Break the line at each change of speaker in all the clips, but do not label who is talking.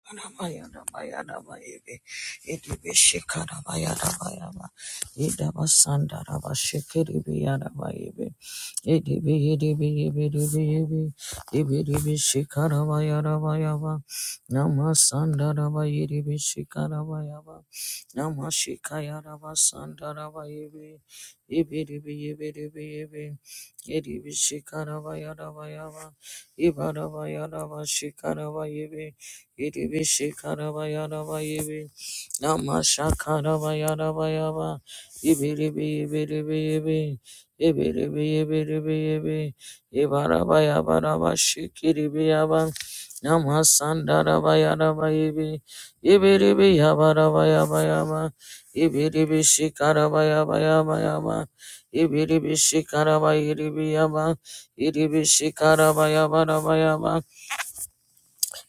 Ibarabayaraba shikarabayebe Iribi shikarabaya yibi. Namashakarabaya rabayaba. Ibiribi ibiribi yibi. Ibiribi ibiribi yibi. Ibarabaya barabashikiribi yaba. Namasandarabaya rabayibi. Ibiribi yabarabaya bayaba. Ibiribi shikarabaya bayabayaba. Ibiribi shikarabayiribi yaba. Iribi shikarabaya baraba yaba.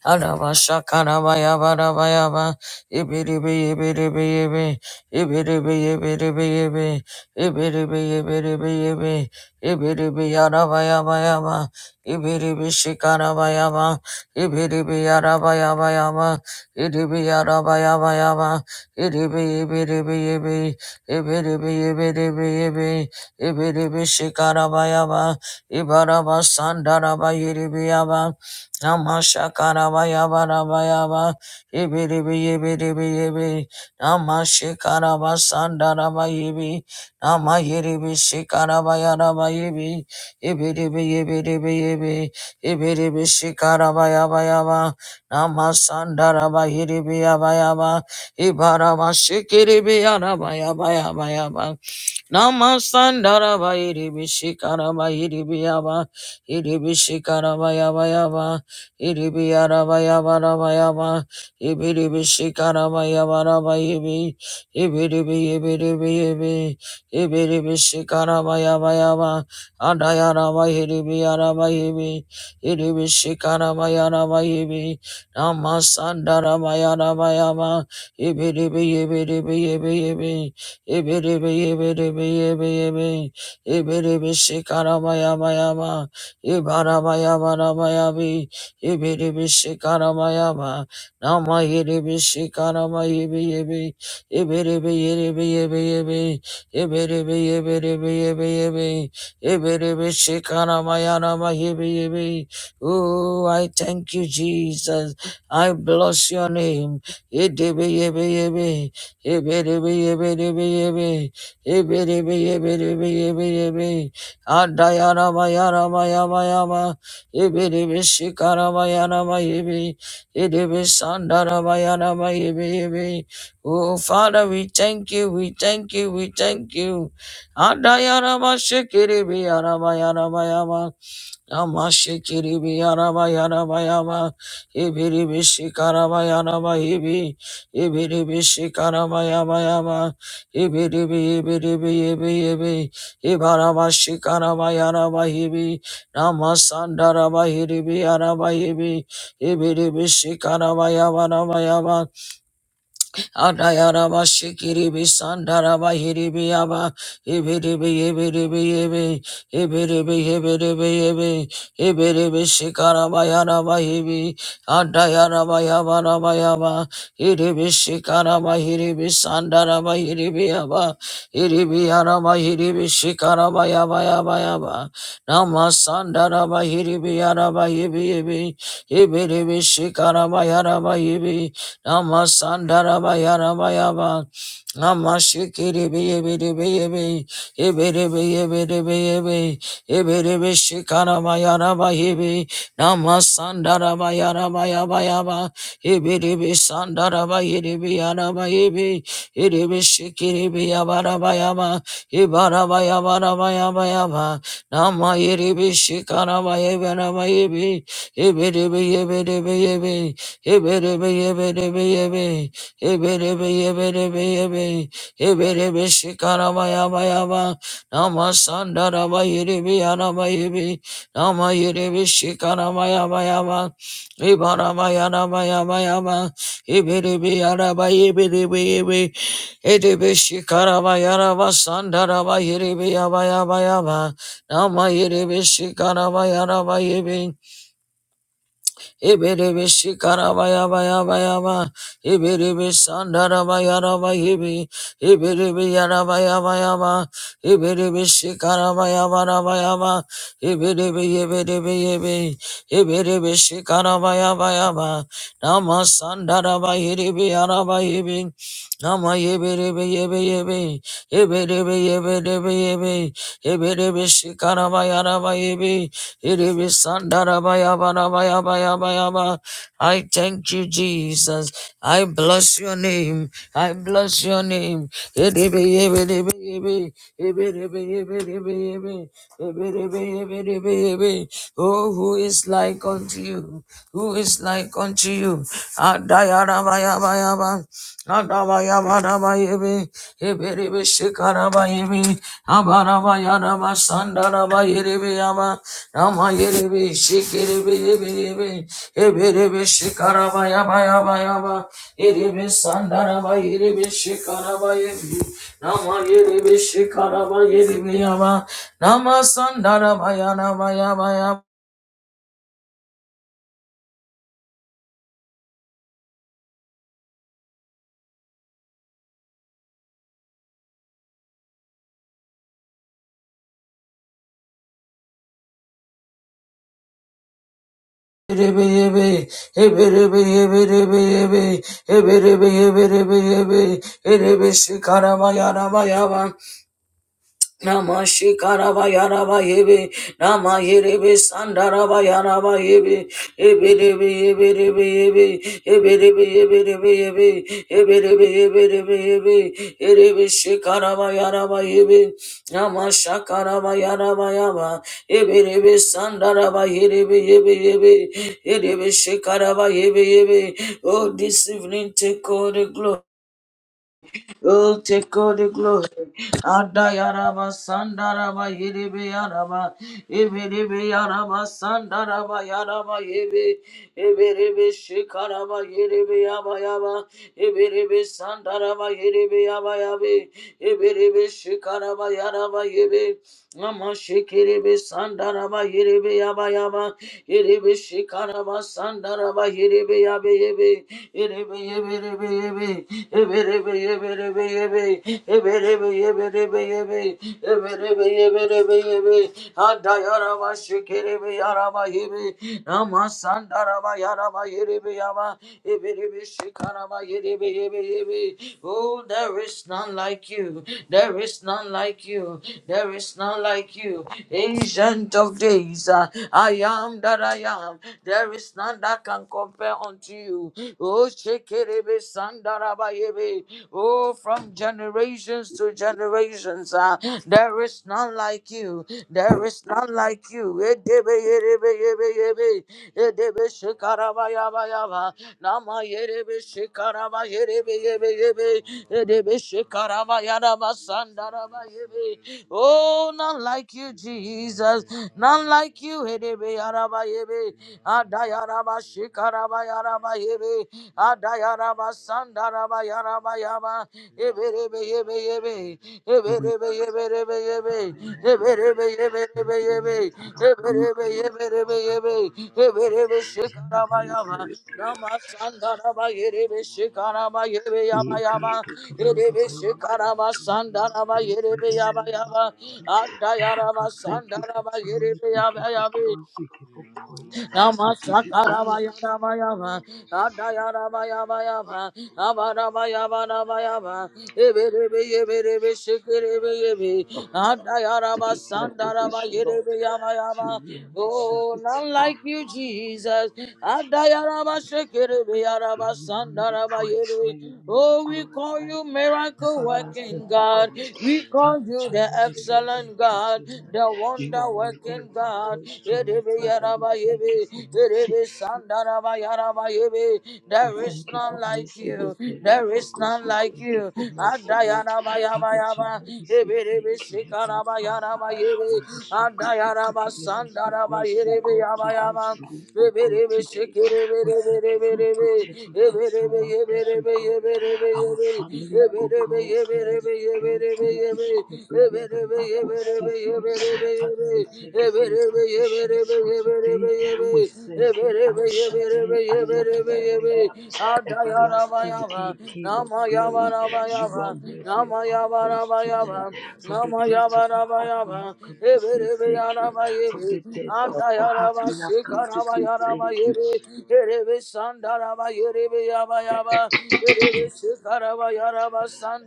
Anaba shakana baya bara baya ba. Ibiribi ibiribi ibi. Ibiribi ibiribi ibi. Ibiribi bi ibiri bi ibi. Ibiri bi Ibiribi yaraba yaba yaba. bi shikana baya ba. Ibiribi yaraba yaba yaba. Ibiribi yaraba yaba yaba. Ibiribi ibiribi ibi. Ibiri bi Ibiribi ibiribi ibi. Ibiribi shikana baya ba. Ibaraba sandara ba yiribi yaba. Namashakarabayabaraba, Ibiribi, Ibiribi, Ibi, Namashikaraba, Sandaraba, Ibi, Namayiribi, Shikarabayaraba, Ibi, Ibiribi, Ibiribi, Ibi, Ibiribi, Shikarabayabayaba, Namasandaraba, Iribi, Yabayaba, Ibaraba, Shikiribi, Yarabayabayabayaba, Namasandaraba, Iribi, Shikarabayiribi, Yaba, Iribi, Shikarabayabayaba, Iribi arabaya barabayama. Ibiribi shikarabaya barabayibi. Ibiribi ibiribi ibi. Ibiribi shikarabaya bayama. Andayarabayiribi arabayibi. Iribi shikarabaya arabayibi. Namasandarabaya arabayama. Ibiribi ibiribi ibi ibi. Ibiribi ibiribi ibi ibi. Ibiribi shikarabaya bayama. Ibarabayabarabayabi. Ibiribishikaramayama, Namayiribishikaramayibiyebe, Ibiribiyiribiyebeyebe, ibi ibi. Ibiribi Iribi Ibi Ibi, Ibiribi Ibiribi Ibi Ibi, Ibiribishikaramayama Ibi Ibi. Oh, I thank you, Jesus. I bless your name. Idibi ibi ibi, Ibiribi Ibiribi ibi Ibiribi Ibiribi ibi ibi, Idibiyebeyebe, Ibiribiyibiribiyebe, Ibiribiyibiribiyebeyebe, yama. Ibiribi Shikarabayana Mayibi. Idibi Sandarabayana Mayibi. Oh, Father, we thank you, we thank you, we thank you. Adayana Mashikiribi Arabayana Mayama. Amashikiribi yaraba yaraba yaba ibiribi shikaraba yaraba ibi ibiribi shikaraba yaba yaba ibiribi ibiribi ibi ibi ibaraba shikaraba yaraba ibi namasandaraba iribi yaraba ibi ibiribi shikaraba yaba yaba Adayaraba shikiribi sandaraba hiribi yaba ibiribi ibiribi ibi ibiribi ibiribi ibi ibiribi shikaraba yaraba hibi adayaraba yabaraba yaba iribi shikaraba hiribi sandaraba hiribi yaba iribi yaraba hiribi shikaraba yaba yaba yaba nama sandaraba hiribi yaraba hibi hibi ibiribi shikaraba yaraba hibi Namasandarabayarabayaba. Namashikiribiribiribiribi. Ibiribiribiribiribi. Ibiribishikarabayarabahibi. Namasandarabayarabayabayaba. Ibiribisandarabayiribiyarabahibi. Iribishikiribiyabarabayaba. Ibarabayabarabayabayaba. Namayiribishikarabayabarabayibi. Ibiribi, ibiribi, ibiribi. Nama Yiribi Shikaramayarabayibin, Ibiribi shikarabaya Ibiribi sandarabayarabayibi. Ibiribi yarabayabayaba. Ibiribi shikarabaya Ibiribi yibiribi yibi. Ibiribi shikarabaya Nama sandarabayiribi yarabayibi. Nama yibiribi yibi yibi. Ibiribi yibiribi yibi. Ibiribi shikarabaya Iribisandarabayabarabarabayabayaba. I thank you, Jesus. I bless your name. I bless your name. Iribiyibidibiyibi. Ibidibiyibidibiyib. Ibidibiyibidibiyib. Oh, who is like unto you? Who is like unto you? Adayarabayabayaba. Adabayabarabayibi. Ibidibishikarabayibi. Abarabayarabasandaraba. Ama yeri bir şikiri bir yeri bir ebiri bir şikaraba yaba yaba yaba yeri bir sandaraba yeri bir şikaraba yeri nama yeri bir şikaraba yeri bir yaba nama sandaraba yanaba yaba yaba yeri bir yeri ebiri bir yeri bir yeri ebiri bir yeri bir yeri yeri bir şikaraba yaraba yaba Nama shikaraba yaraba yebe. Nama yerebe sandaraba yaraba yebe. Ebe debe yebe debe yebe. Ebe debe yebe yebe. Ebe yebe yebe. Erebe shikaraba yaraba yebe. Nama shakaraba yaraba yaba. Ebe debe sandaraba yerebe yebe yebe. Erebe shikaraba yebe yebe. Oh, this evening take all the glory. Oh, take all the glory. Adayaraba Sandaraba Yiribi Yaraba Ibiribi Yaraba Sandaraba Yaraba Yibi Ibiribi Shikaraba Yiribi Yaba Yaba Ibiribi Sandaraba Yiribi Yaba Yabi Ibiribi Shikaraba Yaraba Yibi Mama şekerebe sandaraba yerebe yaba yaba yerebe şekaraba sandaraba yerebe yabe yebe yerebe yebe yerebe yebe eberebe yebe yerebe yebe eberebe yebe yerebe yebe eberebe yebe yerebe yebe hada yaraba şekerebe yaraba yebe ama sandaraba yaraba yerebe yaba eberebe şekaraba yerebe yebe Baby. Oh, there is none like you. There is none like you. There is none like you. Ancient of days, uh, I am that I am. There is none that can compare unto you. Oh, Shekerebe Sandarabayebe. Oh, from generations to generations, uh, there is none like you. There
Thank
is none like you. Edebe, Yerebe, Yebe, Yebe. Edebe shekaraba yaba yaba. Nama yerebe shekaraba yerebe yebe yebe. Edebe shekaraba yaraba sandaraba yebe. Oh, none like you, Jesus. None like you. Edebe yaraba yebe. Adayaraba shekaraba yaraba yebe. Adayaraba Sandaraba Yaraba Yaba Eberebe Yebe Yebe Eberebe Yeberebe Yebe
Father, we
Eberebe Yeberebe Yebe Eberebe Yeberebe Yebe Eberebe Shikaraba Yaba
thank
Nama Sandaraba Yerebe Shikaraba Yebe Yaba Yaba Erebe Shikaraba Sandaraba Yerebe Yaba Yaba Adayaraba
you for
Sandaraba
tonight.
Yerebe
We give
Yaba
you
Yaba
glory. We give you praise. We give you honor.
Namasakarabayarabayava, Adayarabayabayava, Abarabayabarabayava, Eberebe, Shikerebe,
We give you adoration, Lord. You
Adayarabasandarabayerebeyabayava.
alone deserve
Oh,
it,
none
Lord.
like you, Jesus. Adayarabashikerebe,
May your name be praised. May your name be
Oh, we call
glorified.
you miracle
everlasting,
working
for
God.
God.
We call
Father,
you the
tonight we say thank
excellent
you
God,
tonight.
the
You are
wonder
worthy
working
of our
God.
praise tonight,
Yedebe
Father. We
yaraba
thank you
yebe.
for mercy.
Yedebe sandaraba yaraba yebe.
We
There is
thank you
none
for
like
mercy.
you.
We thank you
There
for
is
grace.
none
We
like
thank you
you.
for mercy, Lord.
Adayaraba yaba
Father,
yaba.
tonight we say
Yebe
thank
yebe
you, Heavenly
shikaraba
Father.
yaraba yebe.
We are so grateful for
Adayaraba
giving us the
sandaraba
grace to
yebe
go
yaba
to go
yaba.
through, oh
Yebe
God,
yebe
today.
shikirebe
We
yebe
thank you
yebe
for your
yebe.
protective
Yebe
arms
yebe
around us, oh
yebe
God.
yebe yebe
Our
yebe yebe.
family, oh
Yebe yebe
God,
yebe
send them
debe yebe debe
gradually to
yebe
school,
Debe
bringing them
debe
back home
yebe debe
safely.
yebe. debe
Father, we thank you for your provisions for today we thank you, El Shaddai. I am that I am. Everlasting King, King of glory. You are worthy of our praise tonight. From the depths of our heart, we have come to say thank you. From the depths of our heart, we have come to say thank you.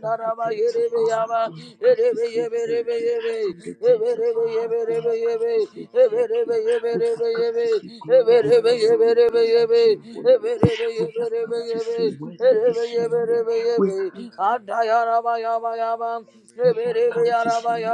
From the depths of our heart, we have come to say thank you. From the depths of our heart, we have come to say thank you. We have come to say glory, hallelujah, be unto your holy name. We have come to say worthy is your name. We we have come to say,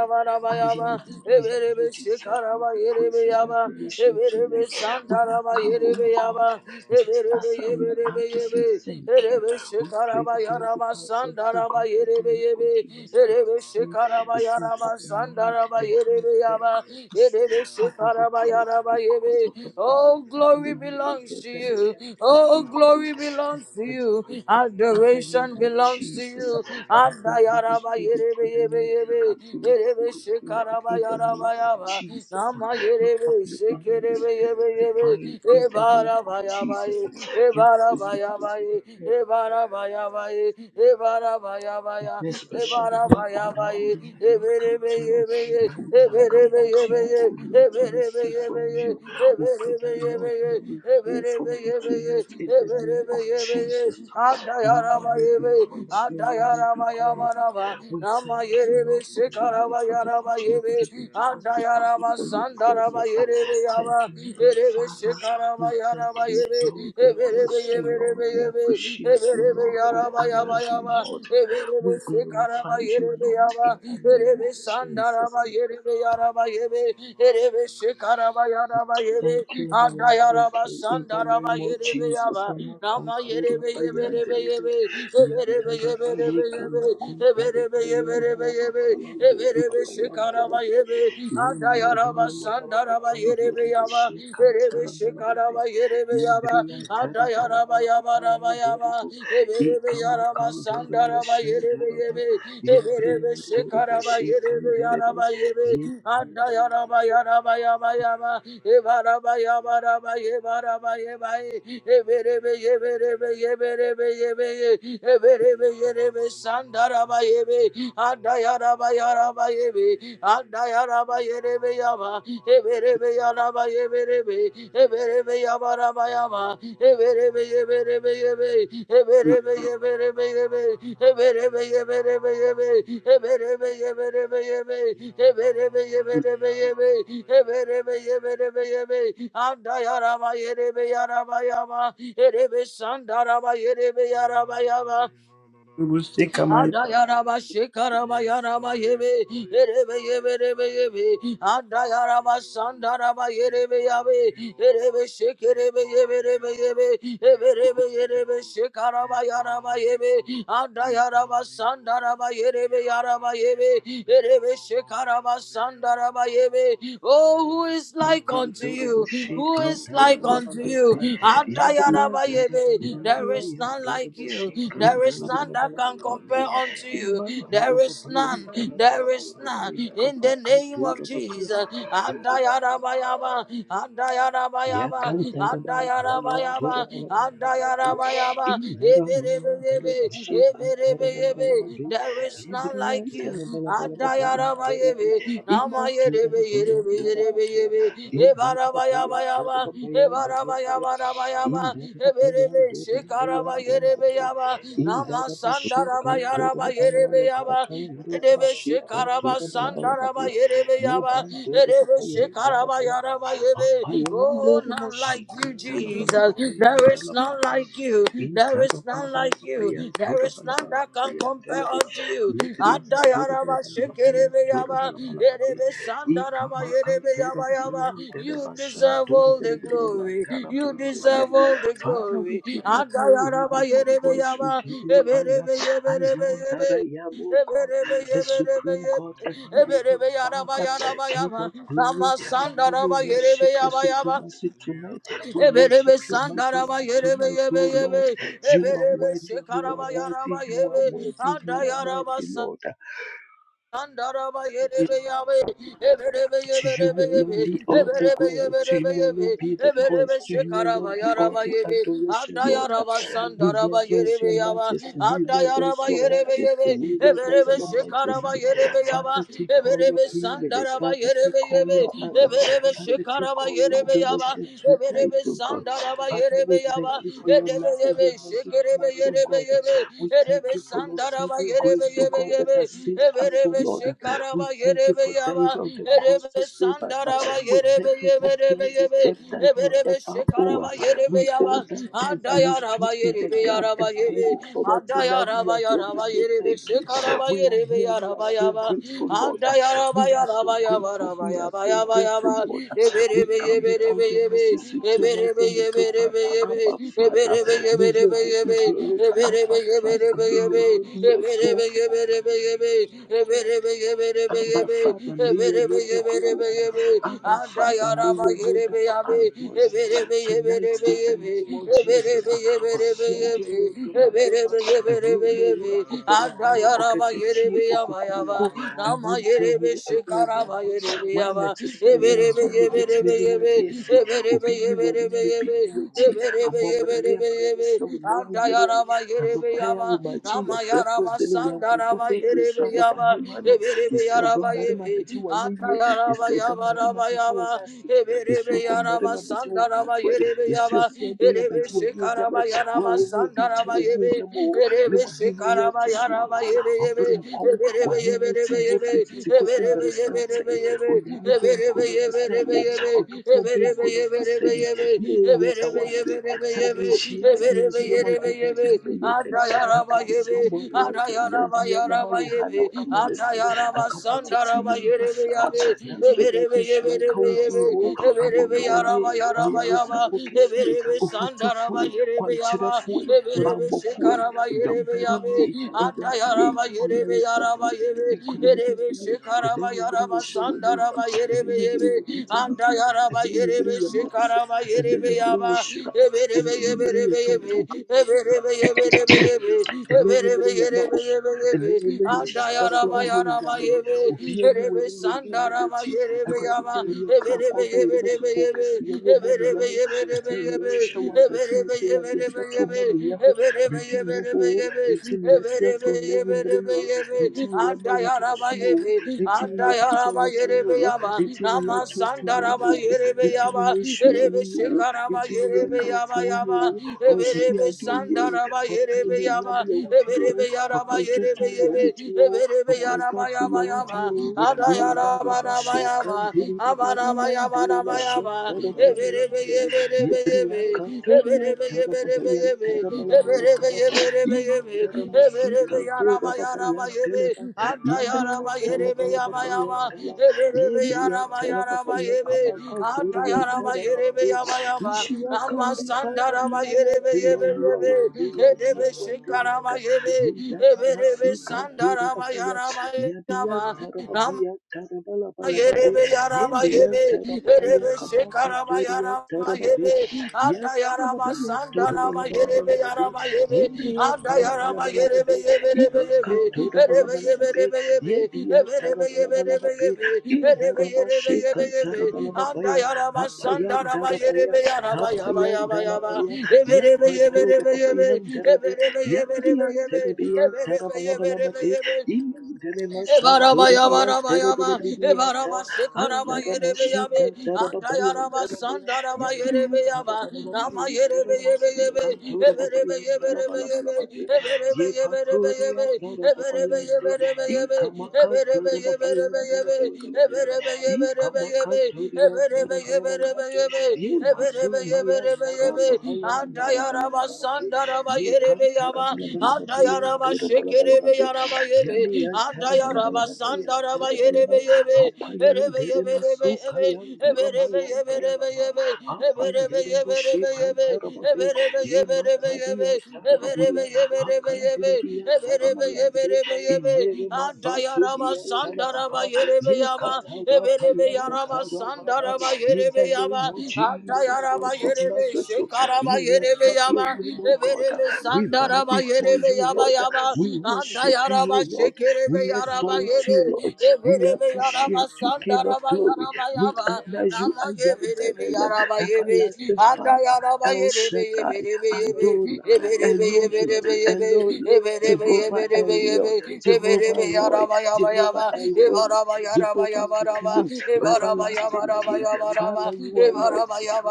I am that I am. You deserve all the praise and adoration tonight. We have come, oh God, just as we are to say thank you. We pray the blood of ourselves, oh God, that
Yerebe
you
Yerebe
forgive us
Yerebe
every
Yerebe
sin,
şekaraba
the sins of
yaraba
the mind,
sandaraba
the heart,
yerebe
the
yaba.
eyes.
Yerebe
Father, we
şekaraba
pray that
yaraba
because
yebe.
of the blood,
Oh,
Father, may
glory
you
belongs to
just
you.
impact us,
Oh,
oh God,
glory
and
belongs to you.
sanctify us in the name
Adoration
of
belongs to
Jesus.
you. Anda
Now, Holy Spirit, we pray
yerebe
that
yebe
you take
yebe.
absolute
Yerebe
control tonight
şekaraba
in the name
yaraba
of
yaba.
Jesus.
Nama
You have
yerebe
your own
şekerebe
spirit
yebe yebe.
divine in the name of
Ebaraba
Jesus.
yabayı.
You
Ebaraba
visit us
yabayı.
today
Ebaraba yabayı.
in
Baya,
this special
Ebara
way, O
Baya
Lord,
Baye,
we have not
Ebere
come to
Beye
man,
Beye,
but we have
Ebere
come
Beye
unto you,
Beye,
O Lord, to
Ebere
receive
Beye
from
Beye,
you. We
Ebere
pray
Beye
that, Lord,
Beye,
may we hear
Ebere Beye
from you
Beye,
tonight in the
Ebere
name of
Beye Beye,
Jesus. May
Adayara
your
Baye
name be
Beye,
praised. May your name
Adayara
be
Baya
glorified.
Baraba,
We
Nama
thank you,
Yere Be
Lord, for
Sekara
tonight, for the
Bayara Baye
opportunity
Be,
given to us to come
Adayara
before your
Masandara
presence.
Baye Be
Thank
Yaba,
you, Heavenly
Ere Be
Father.
Sekara
We
Bayara
thank
Baye
you, Lord.
Be,
We
Ebere
bless
Beye
you, Lord. We
Beye Beye,
appreciate you,
Ebere
Lord.
Beye
We honor you,
Sandarabayaba,
Lord.
Eberebe
We
Sekaraba
glorify you, Lord,
Yerebeaba,
in the name
Erebe
of Jesus.
Sandaraba Yerebearaba Yebe, Erebe Sekaraba Yaraba
Thank
Yebe,
you, everlasting
Andayaraba
King, in the
Sandaraba
name of Jesus.
Yerebeaba, Nama
Amakantura
Yerebe Yeberebe
bayandelebe,
Yebe, Eberebe
yatara
Yeberebe
bayeka
Yebe,
makuntara
Eberebe Yeberebe
bayendala
Yebe, Eberebe Sekaraba
babayandelebe,
Yebe,
ye mando
Andayaraba
na malaba
Sandaraba
kandi
Yerebeaba,
rubushi
Erebe
kantara malaba be
Sekaraba
ye
Yerebeaba,
briyantara malaba
Andayaraba
malaba
Yaba Yarabayaba,
yandurubu ye
Eberebe
kama
Yaraba
kandura
Sandaraba Yerebe
mashandaraba
Yebe,
ye
Eberebe
briyanturu
Shekaraba
bushi
Yerebe
kanderebe
Yaraba Yebe,
ye
Anda Yaraba Yaraba Yaba Yaba, Ebaraba Yaba Raba Yebaraba Yebae, Eberebe Yeberebe Yeberebe Yebe, Eberebe Yerebe Sandaraba Yebe, Anda Yaraba Yaraba Yebe, Anda Yaraba Yerebe Yaba, Eberebe Yaraba Yeberebe, Eberebe Yabaraba Yaba, Andayarama yerebe yarama yama. Erebe sandarama yerebe yarama yama. Ada yaraba shekaraba yaraba yebe. Erebe yebe rebe yebe. Ada yaraba sandaraba yerebe Adayara Basandara Mayerebe yabe. Erebe shekerebe yebe rebe yebe. Ebe rebe yerebe shekaraba yaraba yebe. Ada yaraba sandaraba yerebe yaraba yebe. Erebe shekaraba sandaraba yebe. Oh, who is like unto
makanturu
you? you?
bushi
Who is
kantara
like
malaba
unto
malaba
you?
be ye briyantara malaba
Adayanabayebe. There
malaba
is none
yanduru
like you.
bushi
There is
kantara
none
malaba
that can
malaba be
compare unto
ye
you.
mandara
There is
malaba
none.
yandara malaba
There is
malaba
none.
ye
In
kama
the name of
kandura malaba
Jesus. Adayanabayaba. Adayanabayaba. Adayanabayaba.
Yakantarabalababayaturabalabalababe.
Adayanabayaba. Eberebeyebe. Eberebeyebe. There is none like you. Adayarabayebe, Namayerebe, Yerebe, Yerebe, Yebe, Ebarabayabayaba, Ebarabayabayaba, Eberebe, Shekarabayerebe Yaba, Namasandarabayaraba, Yerebe Yaba, Edebe, Shekaraba, Sandaraba, Yerebe Yaba, Edebe, Shekaraba, Yaraba, Yebe, Oh, not like you, Jesus. There is none
Indarababayandorababababa
like you.
in
There is none like you.
Inzarabalabalababayan,
There is none that can
torabalabalababayan,
compare
delele,
unto you.
yedrien,
Adayaraba
torabalabalababayan,
shekereyaba,
torabalabalababe,
erebe sandaraba,
ikamakan,
erebe yaba yaba.
torababayan,
You
delebashan,
deserve all the
torabalabalabayan,
glory. You
talabalababayan.
deserve all the
Father, we
glory.
give you glory, we
Adayaraba,
give you
erebe
praise, we
yaba,
give you honor.
eberebe,
I
eberebe,
am that I
ebe. Ebere
am, O God, the supreme God, everlasting Father, King of glory. Father, we worship your supremacy tonight. We worship your majesty tonight, O Lord. You are worthy, you are worthy, you are worthy, you are worthy, Lord.
Andaraba yerebe yabe, eberebe
To you
yeberebe
alone
yebe,
be all the
eberebe
glory, to
yeberebe
you
yebe,
alone be the
eberebe
praise, to you alone
şekaraba
be all
yaraba
the
yebe,
adoration,
adda
Lord.
yaraba
We
sandaraba
reverence
yerebe
your
yaba,
majesty. We
adda
reverence
yaraba
your
yerebe yebe,
majesty. We
eberebe
reverence your
şekaraba
majesty.
yerebe yaba,
Father, take all your
eberebe
preeminence.
sandaraba
Father, take
yerebe
all
yebe,
your honor.
eberebe
Father, take
şekaraba
all your
yerebe yaba,
adoration tonight,
eberebe
oh God.
sandaraba
Father,
yerebe
we thank
yaba,
you for your
edebe
love and your
yebe,
mercy
şekerebe
towards, us, oh
yerebe
God.
yebe,
We thank
Erebe
you for your
sandaraba
saving
yerebe
grace, oh
yebe
God, that
yebe.
has saved us, oh
Eberebe
Lord. We
şekaraba
thank you
yerebe
for dying
yaba.
on the cross to
Erebe
save us.
sandaraba
We
yerebe
thank you
yebe
for
yebe
paying the
yebe.
debt that you
Eberebe
never owe.
şekaraba yerebe
We owe
yaba.
that debt
Ada
that you stood
yaraba
in the
yerebe
gap
yaraba
and
yebe.
paid it for us.
Ada
Tonight we
yaraba
are here to
yaraba
say
yerebe
thank you.
şekaraba
We are
yerebe
here. We are
yaraba
so
yaba.
grateful, Lord.
Ada yaraba
We are so
yaraba yaba
grateful.
yaraba
We are
yaba
so
yaba
grateful,
yaba.
Lord. We
Eberebe
come
yebe
before
yebe
your
yebe.
mercy seat tonight
Eberebe
and we
yebe
say, Father,
yebe
Abba, Father, may your name be glorified, Abba, Father, may your name be exalted. Abba Father, may your name be glorified. Abba Father, may your name be acknowledged. Tonight, in the name of Jesus, Osiage Yodomberema, Ewemewura Obermpawu Oketechie
Yama
Okokoroko,
Yama, Nama yerebe şikara
Ewuntehune
ba yerebe
why na
yaba.
ɛte sɛ wo na
Ebere
hwan na obɛtumi ne wo adi asi? Obi nni w'anim na obi nni w'akyi. Amɔmmerane mmerane sɛ wo nna anwummere a anɔpa yi ahomakye yɛfrɛ frɛ sɛ ne nyankoto firi so anɔpahema no yɛsi ɔdɔ mmarima bɛgye wo ayɛyie yɛsi ɔdɔ mmarima bɛgye wo nase yɛsi ɔdɔ mmarima bɛgye wo kamfoɛ yɛsi ɔsi ade yɛ bɛgye wo anuonyam wo a wo ne obi nkyɛ wo anuonyam o ne wahenni yɛ to so aba ɔbere mpɔw wahenni te
Yama,
hɔ firi tete kɔsi mmeresanten onyame bɛmpo na ɔte sɛ wo ɔdɔfoɔ bɛmpo na ɔte sɛ yi yɛɛ yɛda wase sɛ manhyia ase yɛnhyia ma nkabrate yɛbɛyɛ dɛn anka sisi ɔbɔ nade yɛ nam ayɛ ha nam ama ne sɛ anka watete yɛn mpa saa nanso awurade nhyira nka wo din o abɔmmerɛne ɔyaresafo kɛseɛ ofotufoe kwankyerɛfoe bammɔfoe
Yama,
dɔmbarima
Yami,
awurade yɛ
Andayaraba Yerebe
ɔyaresafo
Yaraba Yebe, Yerebe
nkonimdihene
Shikaraba
eleyimbriye
Yaraba
shewuyinda
Sandaraba Yerebe
eleyimbriye
Yebe,
pitewuti
Andayaraba Yerebe
eleyimbriye mawuso
Shikaraba Yerebe
eleyimbriye
Yaba,
shira
Eberebe
eleyimbriye
Yeberebe Yebe,
tuntum
Eberebe Yeberebe Yebe, Eberebe
enennyumiri
Yerebe
y'amaaso
Yebe Yebe,
enennyumiri y'ekika
Andayaraba
ky'owuyo
Yaraba
onyame
Yebe,
obiani
Yerebe
w'anim na obi nni
Sandaraba
w'akyi
Yerebe
awurade dɛn ne yɛkra kwan a yɛde bɛtoto wo kɛseyɛ ne ɔmaniyɛ ho ɛdɛn ne yɛhwehwɛ wɔ asase wɔ so awurade yɛde bɛto ɔmaniyɛ ho biribi nni hɔ o ɛnti ne yɛfrɛfrɛ nnanwummerɛ yi o ɛnti ne yɛma wo din so yi o ɛnti ne yɛpagya wo din yi o ɛnti ne yɛtonto wo yi o ɛnti ne yɛhyira wo yi o ɛnti ne yɛkamfo wo yi o ɔsoade papa Enuonyam yawo din o, papa Ntontom yawo din o, papa kafu yawo din o, Ndaraba Sheka Ndiribiri Yandelema
Yama
Shotarabalabalaba, Yebriya Katoria Tarababa Yantarabalabalaba, Imandarama Sika Dorababa Yandelema, Yebriya Tarabalababa Yandala, Yebriya Tarababa Yakabaka Doria Darababa, Ishirakundi, Father,
Sandara
you are worthy, Lord, you are worthy, Lord, you are worthy, Lord. Indakamasika, Turabapaya,
Mayara
Yabiyanta,
Mayaba
Rabapaya, Tarabalabalababe,
Yerebe yaraba yebe,
Yemiyanta, Rabapaya,
yerebe
Kabaka,
şekaraba
Turianta,
yaraba
Rababe,
yebe, anda
Yanta,
yaraba
Rabapaya,
sandanama yerebe
Turabalabalababe,
yaraba yebe,
Yemriyanta,
anda yaraba yerebe
Rabalabalababe,
yebe rebe
Imaka,
yebe, yerebe yebe
Turabalabalababe,
rebe yebe, yebe
Yebiyanta,
rebe yebe rebe
Rabalabalababe,
yebe, yerebe yerebe yebe
Indarabashika,
yebe, anda
Tarabalababaya,
yaraba sandanama yerebe yaraba yaba
Hapayan
yaba yaba,
Dalapaya,
yebe rebe yebe
Yapantura
rebe yebe,
Papayan
yebe
Delebe,
rebe yebe rebe
Yatrian
yebe,
Telebian
yebe rebe yebe rebe
Tarabalabalababe,
yebe,
Imdelemashan Turibian
Ebarabayabaraba,
Telebilibianda, Anaramashi
Ebarabashikarabayerebeyabe,
Kantarababayan Delebe, Yatrian
Andayarabasandarabayerebe,
Tarabalababayan
Namayerebe,
Delemasi
Eberebe,
Kantura
Eberebe,
Papayan
Eberebe,
Dalabalabalababe,
Eberebe, Eberebe,
Yepaturian
Eberebe,
Tarababayan De,
Eberebe, Eberebe, Eberebe,
Ikamakantura Papayan
Eberebe,
Delebelebe, Ikamakantorian
Eberebe,
Tarabalabalababe,
Eberebe,
Ye masu
Eberebe,
mayan dara
Eberebe,
babayan dara bala bala babi. Ye
Andayarabasandarabayerebe,
kantara bala bala babayan dora bala bala
Andayarabashikerebe, yerebe
babi.
yaraba
Yami
yebe.
yan tara
Anda
bala bala
yaraba
babayan
sanda raba
dora bala
yerebe
bala.
yebe.
Apayan
Erebe
dere
yebe
masu
rebe
kayan
yebe. Ebe
dara
rebe
mayan
yebe
dere
rebe
baba.
yebe. Ebe
Apan
rebe
dere
yebe
bushe
rebe yebe.
kantara
Ebe
babi.
rebe
Ye
yebe rebe
matabiyan
yebe.
tara
Ebe
babaya.
rebe yebe rebe
Hakan
yebe.
dere biyan
Ebe
tara
rebe
mayan
yebe
de.
rebe yebe.
Inere
Anda
mazantu
yaraba
biyan tara
sanda raba
baba.
yerebe
Ye
yaba.
katara
Ebe rebe
payasa
yaraba
tara
sanda
papa.
raba
In
yerebe
the name
yaba.
of
Anda
Jesus
yaraba
Christ of
yerebe
Nazareth,
shekaraba
we lift
yerebe
up your
yaba.
name, O
Ebe
God.
rebe
We
sanda
bow
Raba
before
yerebe
you,
yaba
Lord.
yaba
We
anda
worship you,
yaraba
O Lord.
şekerebe
We
yaraba
exalt
yebe
you, Lord. We
eberebe yaraba
appreciate you, King of
sandaraba
glory.
yaraba
We
yaba
honor you,
nama
I am that
yeberebe
I am,
yaraba yebe
everlasting
anda
Father,
yaraba
El
yerebe
Shaddai,
yeberebe yebe
Adonai,
eberebe
Elohim,
yeberebe yebe
Elola.
eberebe
Jehovah
yeberebe
Elion, Jehovah Roy, Jehovah Elhoni, Jehovah Kikinu, everlasting King, Father, you are worthy.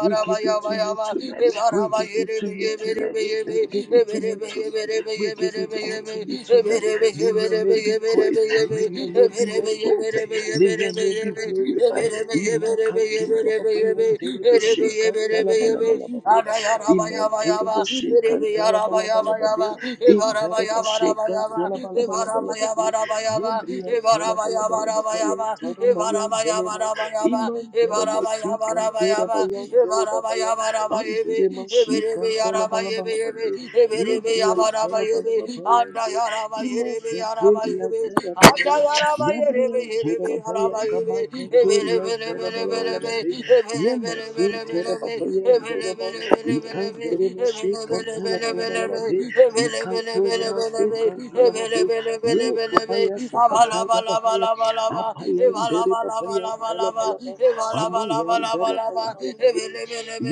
We give it to you tonight. We give it to you tonight. They give it to you tonight. We give it all to you tonight. May your name be praised. May your name be exalted. May your name be glorified. Imakantura papayanderebe shekantalabalabalaba. Imanturobo shekantalabalabalaba. Indarobo shekantalabalabalaba. Yebriyantalabalabalaba. Yantaramayandelema. Imantala masikantura bayandele babaya andere masikantala balabalababe yebriyantala balababayande tala babaya yabriyantala babaya
Yarabayaba,
kabakanturia tala balabala balabalababe yemasuntala babayandoraba ikandere masikantala balabalababe ikantura masikantala babe ye kabaya sakatara babaya apayandere papayandala balaba amayandala balabala papaya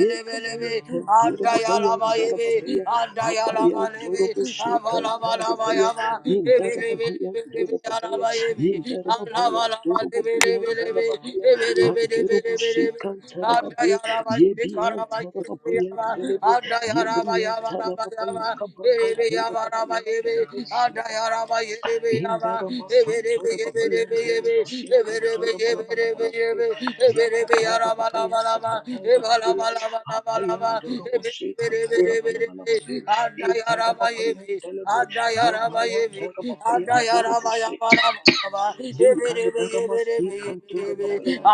yekamaya kantora papayandala papaya apayandoro boshe kantara papaya
Alaba
indara papaya dora papaya indara papaya doro papayandala papaya andoro boshe kantara
Ada
pape
yaraba shikaraba
yebiyantara
yiribi Yaba
papayandele be
Ada yaraba yaba
yebriyantara
raba
papaya
yaba. Yiribi
kabakantora
yaba raba yibi.
papayandele
Ada yaraba yiribi yaba.
Indarama
Yibi ribi
Santora
yibi
Babayan
ribi yibi.
Delebashi
Yibi ribi
Kantora
yibi ribi
Balabalabalabi
yibi. Yibi ribi
Yapatara
yaraba
Babaya
laba laba.
Sakatara
Yiba laba
Babaya
laba
Apayan Doroboshi
you.
Kantala Balabalababi Intara Babayan Delebi Yamayan Darababayan Turubushi Yikandarama Si Kantora Babayan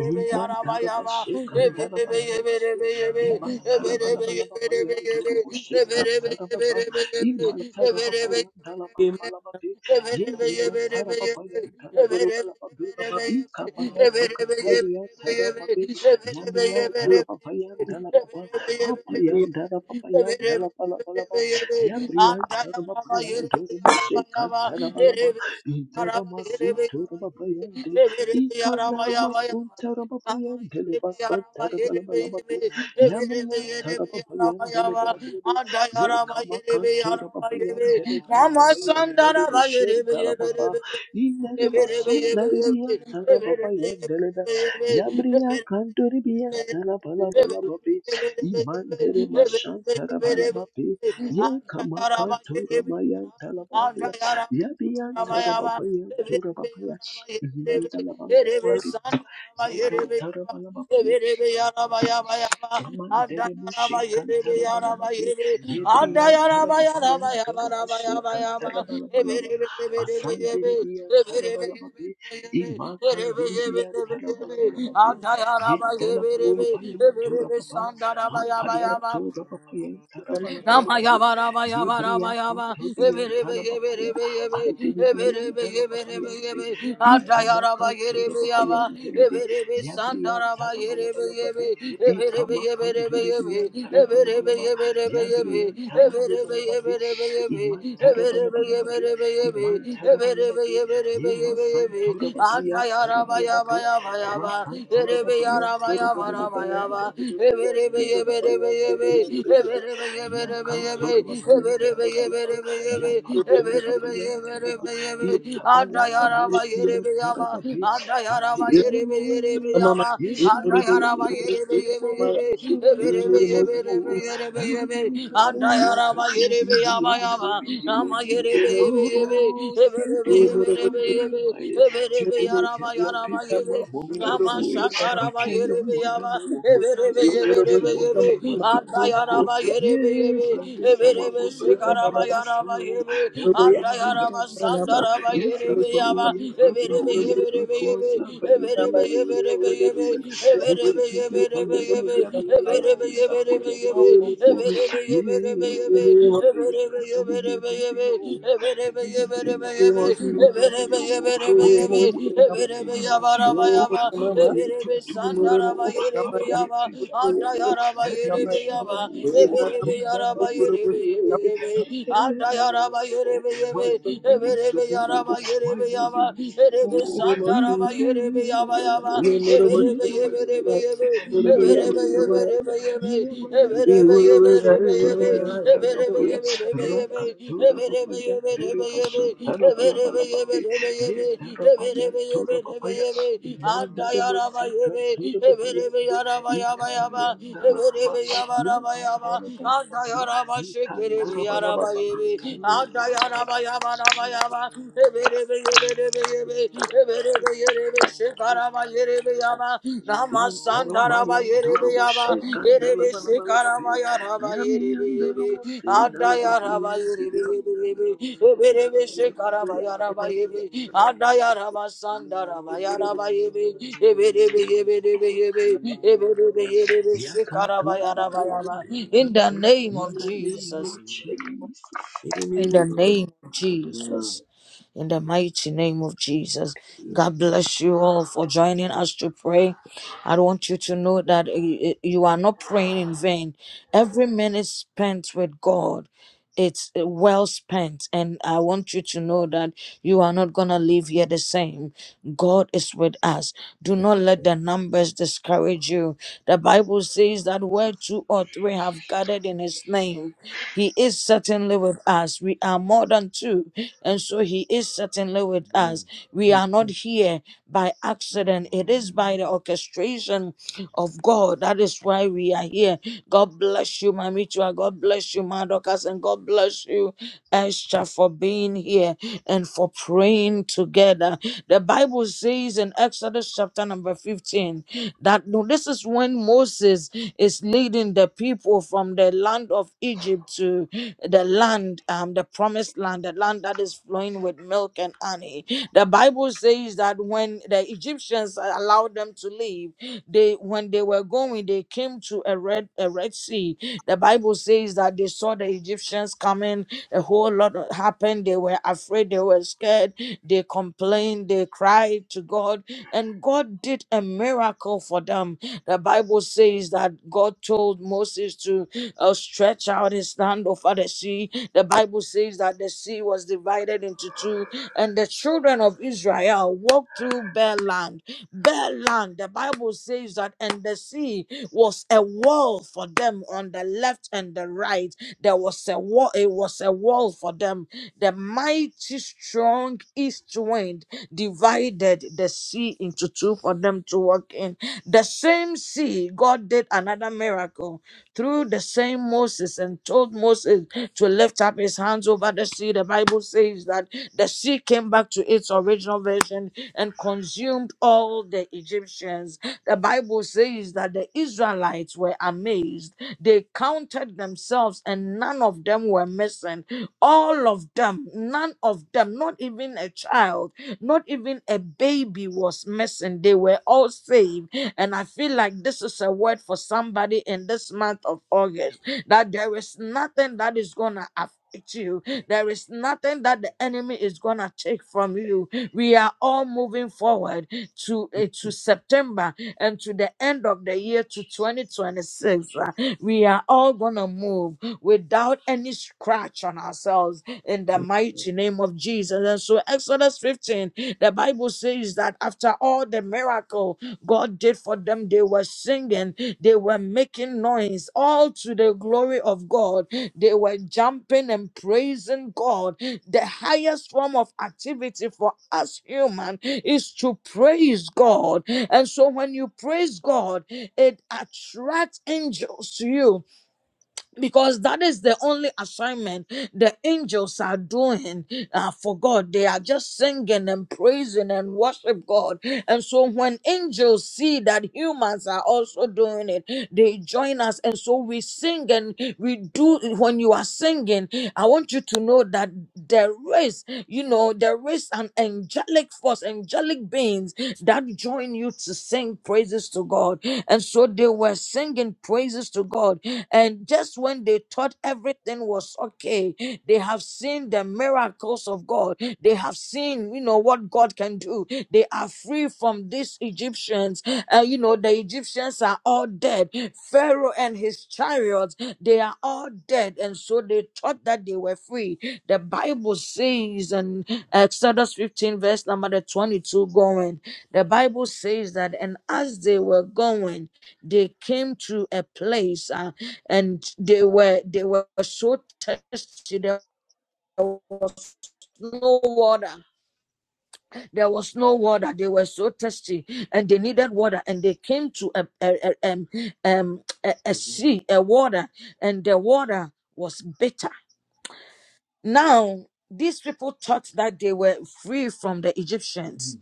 Imantarabashekandarabalabalababe, Imantarabalabalababayandoroboshekantarababa, Imantarababayandalabalabalababe,
Yama,
Yebriantarababayandalabalabalababe, Ikabayasakatariantarababe, Yamiantarababayandalababa, Apayandarababayandalabalabalaba, Yabriantarababayandoroboshekantarabalabalaba, Intaramasintorababaya, Ikanalamasun terabapayan telebasan terabalabalababe. Yamriyan terabapayan telebelebelebe. Ye kamakan terabapayan telebelabapayan terebushen talababa. İnerimasun neribiyan terabapayan telebe. Yabriyan kandoribiyan
Mama Yama,
telabalabalababe. İman teremaşan terabalababe. Ye kamakan teramayan telebapaya. Yabiyan terabapayan terabapaya. Mantala bala bala bala bala. Zekan tara bala bala. Amandere Moshe Cantalabalabate, Yebrian Talababayan, Doroboshe Cantalabalabalaba, Asanderibia Talabalababe, Imacanderibia Talabalabalababe,
Antayaraba geberibe,
Yentalabalababayan,
eberibe
Dorababa,
sandaraba yaba
Apayan,
yaba.
Dorababayan, Talabalabalababe, Yebria
Amayabarabayabaraba.
Cantobian
Ebelebe,
Talababaya,
ebelebe, ebe.
Anderibian
Ebelebe, ebelebe,
Talababayan,
ebe. Adayaraba,
Ikamacan
yerebe, yaba.
Dorababayan, Delebe,
Ebelebe,
Yabrian
sandaraba, yerebe,
Talabalabalababe,
ebe. Ebelebe, ebelebe, ebe.
Ikamakanduria
Ebelebe,
Tarabalabalaba,
ebelebe, ebe.
Yabria
Ebelebe,
Tarabalabalababe,
ebelebe, ebe.
Iman
Ebelebe,
Tarabalabalababe,
ebelebe, ebe.
Iman
Ebelebe,
Tarabalababe,
ebelebe,
Yema
ebe, ebe.
Santorababayan
Adayaraba, yaba,
Tarabalababe,
yaba,
Rakan
yaba.
Tarababayan,
Yama yama,
Torababayan,
Yama
Dedebabayan, Dedebabayan, Dedebabayan, Yakan Torababayan Tarabalaba, Yapan Torababayan Taraba, Ikabayaka Mostian Tarababe, Ipichao. Yeshua ndiye mabati ya mauti sura yetu tu. Eradi kasawi ya kasi ubidi wa mungu ubidi wa chi. Oh, siente
yama,
yudo mbere maye. Chite mchata pipi wa wofefwe. Oche yehu wanamu wapotanso. Asubonte masukoko. Ye, brani sawa, brani brani sawa. Emo brani brani sawa. Yefrafo, Yefrafo, Yefrafo, Sabarde.
Thank
Yetipeja for Yedu, Yabi, Yaran, Sapo, Yabambo, for Ye,
Yama
yabi bre yakasa wuyo yabi yo Yabibre, Yakasabu, Yabio, Yabibre, Yakasabu, Yabio, Obidi, Wadim, Nopini, Watio, Papa, Yetumo, Papa, Yepejamo, Daddy, Yeshugamo, Yidamam, Yede, Yede my Lord, they will sow, my Lord, they will Yeah, na, na, na, na, na, na. Yeah, na, na, na, na, na.
Sandara
Yeah, yeah, yeah, yeah, yeah, yeah. Yeah, my Lord, they will sow. Satori, yeah, tarabaya. Rakatora, papaya, dere, basha, tarabala, balababe. Yeah, tarabaya, tora, papaya. Mandara, masika, tora, papaya, de- ikamaya, darababa. Yeah, mandara, balababa.
Yama, in
Intaramayandurumushikandalavalavalavabe. Yamiyandurumusindalavabayandirima.
you.
Yakanturababayandirima.
the name
In
of
In
the name of
Jesus.
Jesus.
the
In
name
the
of Jesus.
name of Jesus. In the mighty name of Jesus. God bless you all for joining us to pray. I want you to know that uh, you are not praying in vain. Every minute spent with God, it's uh, well spent. And I want you to know that you are not going to leave here the same. God is with us. Do not let the numbers discourage you. The Bible says that where two or three have gathered in his name, he is certainly with us. We are more than two. And so He is certainly with us. We are not here by accident. It is by the orchestration of God. That is why we are here. God bless you, Mamitua. God bless you, Madokas. And God bless you, Esther, for being here and for praying together. The Bible says in Exodus. Exodus chapter number 15 that no, this is when Moses is leading the people from the land of Egypt to the land, um, the promised land, the land that is flowing with milk and honey. The Bible says that when the Egyptians allowed them to leave, they when they were going, they came to a red a red sea. The Bible says that they saw the the Egyptians coming, a whole lot happened. They were afraid, they were scared, they complained, they cried to God, and God did a miracle for them. The Bible says that God told Moses to uh, stretch out his hand over the sea. The Bible says that the sea was divided into two, and the children of Israel walked through bare land. Their land, the Bible says that, and the sea was a wall for them on the left and the right. There was a wall, it was a wall for them. The mighty strong east wind divided the sea into two for them to walk in. The same sea, God did another miracle through the same Moses and told Moses to lift up his hands over the sea. The Bible says that the sea came back to its original version and consumed all the Egyptians. The Bible says that the Israelites were amazed. They counted themselves and none of them were missing. All of them, none of them, not even a child, not even a baby was missing. They were all saved and I feel like this is a word for somebody in this month of August that there is nothing that is going to affect you. There is nothing that the enemy is going to take from you. We are all moving forward to, eh, to September and to the end of the year to 2026. Uh, We are all going to move without any scratch on ourselves in the mighty name of Jesus. And so, Exodus 15, the Bible says that after all the miracle God did for them. They were singing, they were making noise, all to the glory of God. They were jumping and praising God. The highest form of activity for us human is to praise God. And so when you praise God, it attracts angels to you because that is the only assignment the angels are doing uh, for God. They are just singing and praising and worship God. And so when angels see that humans are also doing it, they join us. And so we sing and we do. When you are singing, I want you to know that there is, you know, there is an angelic force, angelic beings that join you to sing praises to God. And so they were singing praises to God and just when they thought everything was okay, they have seen the miracles of God. They have seen, you know, what God can do. They are free from these Egyptians. Uh, you know, the Egyptians are all dead. Pharaoh and his chariots, they are all dead. And so they thought that they were free. The Bible says in Exodus 15, verse number the 22 going, the Bible says that, and as they were going, they came to a place. uh, and they were they were so thirsty. There was no water. There was no water. They were so thirsty, and they needed water. And they came to a a a, um, um, a, a sea, a water, and the water was bitter. Now these people thought that they were free from the Egyptians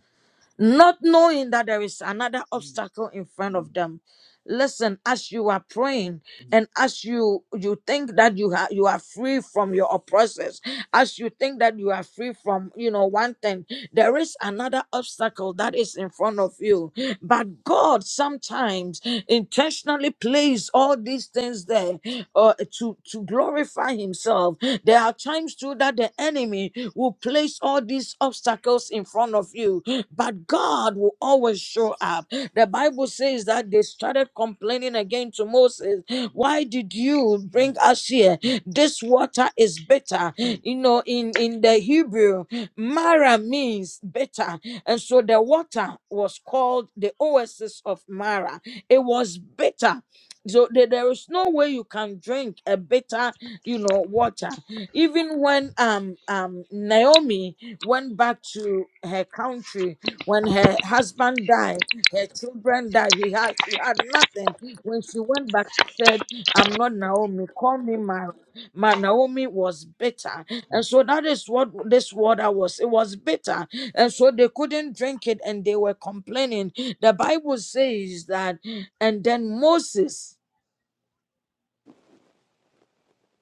not knowing that there is another obstacle in front of them listen as you are praying and as you you think that you are you are free from your oppressors as you think that you are free from you know one thing there is another obstacle that is in front of you but god sometimes intentionally plays all these things there uh, to to glorify himself there are times too that the enemy will will place all these obstacles in front of you, but God will always show up. The Bible says that they started complaining again to Moses, Why did you bring us here? This water is bitter. You know, in, in the Hebrew, Mara means bitter. And so the water was called the oasis of Mara. It was bitter. So there there is no way you can drink a bitter, you know, water even when um um Naomi went back to her country when her husband died, her children died, he had she had nothing. When she went back, she said, I'm not Naomi, call me Mara. My Naomi was bitter. And so that is what this water was. It was bitter. And so they couldn't drink it and they were complaining. The Bible says that, and then Moses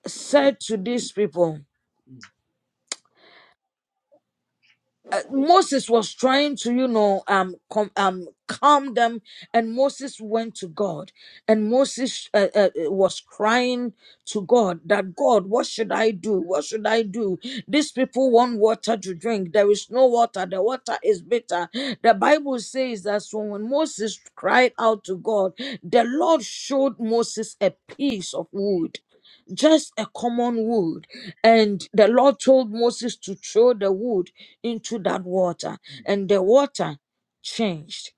said to these people. uh, Moses was trying to, you know, um, com- um, calm them, and Moses went to God, and Moses uh, uh, was crying to God that God, what should I do? What should I do? These people want water to drink. There is no water. The water is bitter. The Bible says that so when Moses cried out to God, the Lord showed Moses a piece of wood just a common wood. And the Lord told Moses to throw the wood into that water, and the water changed.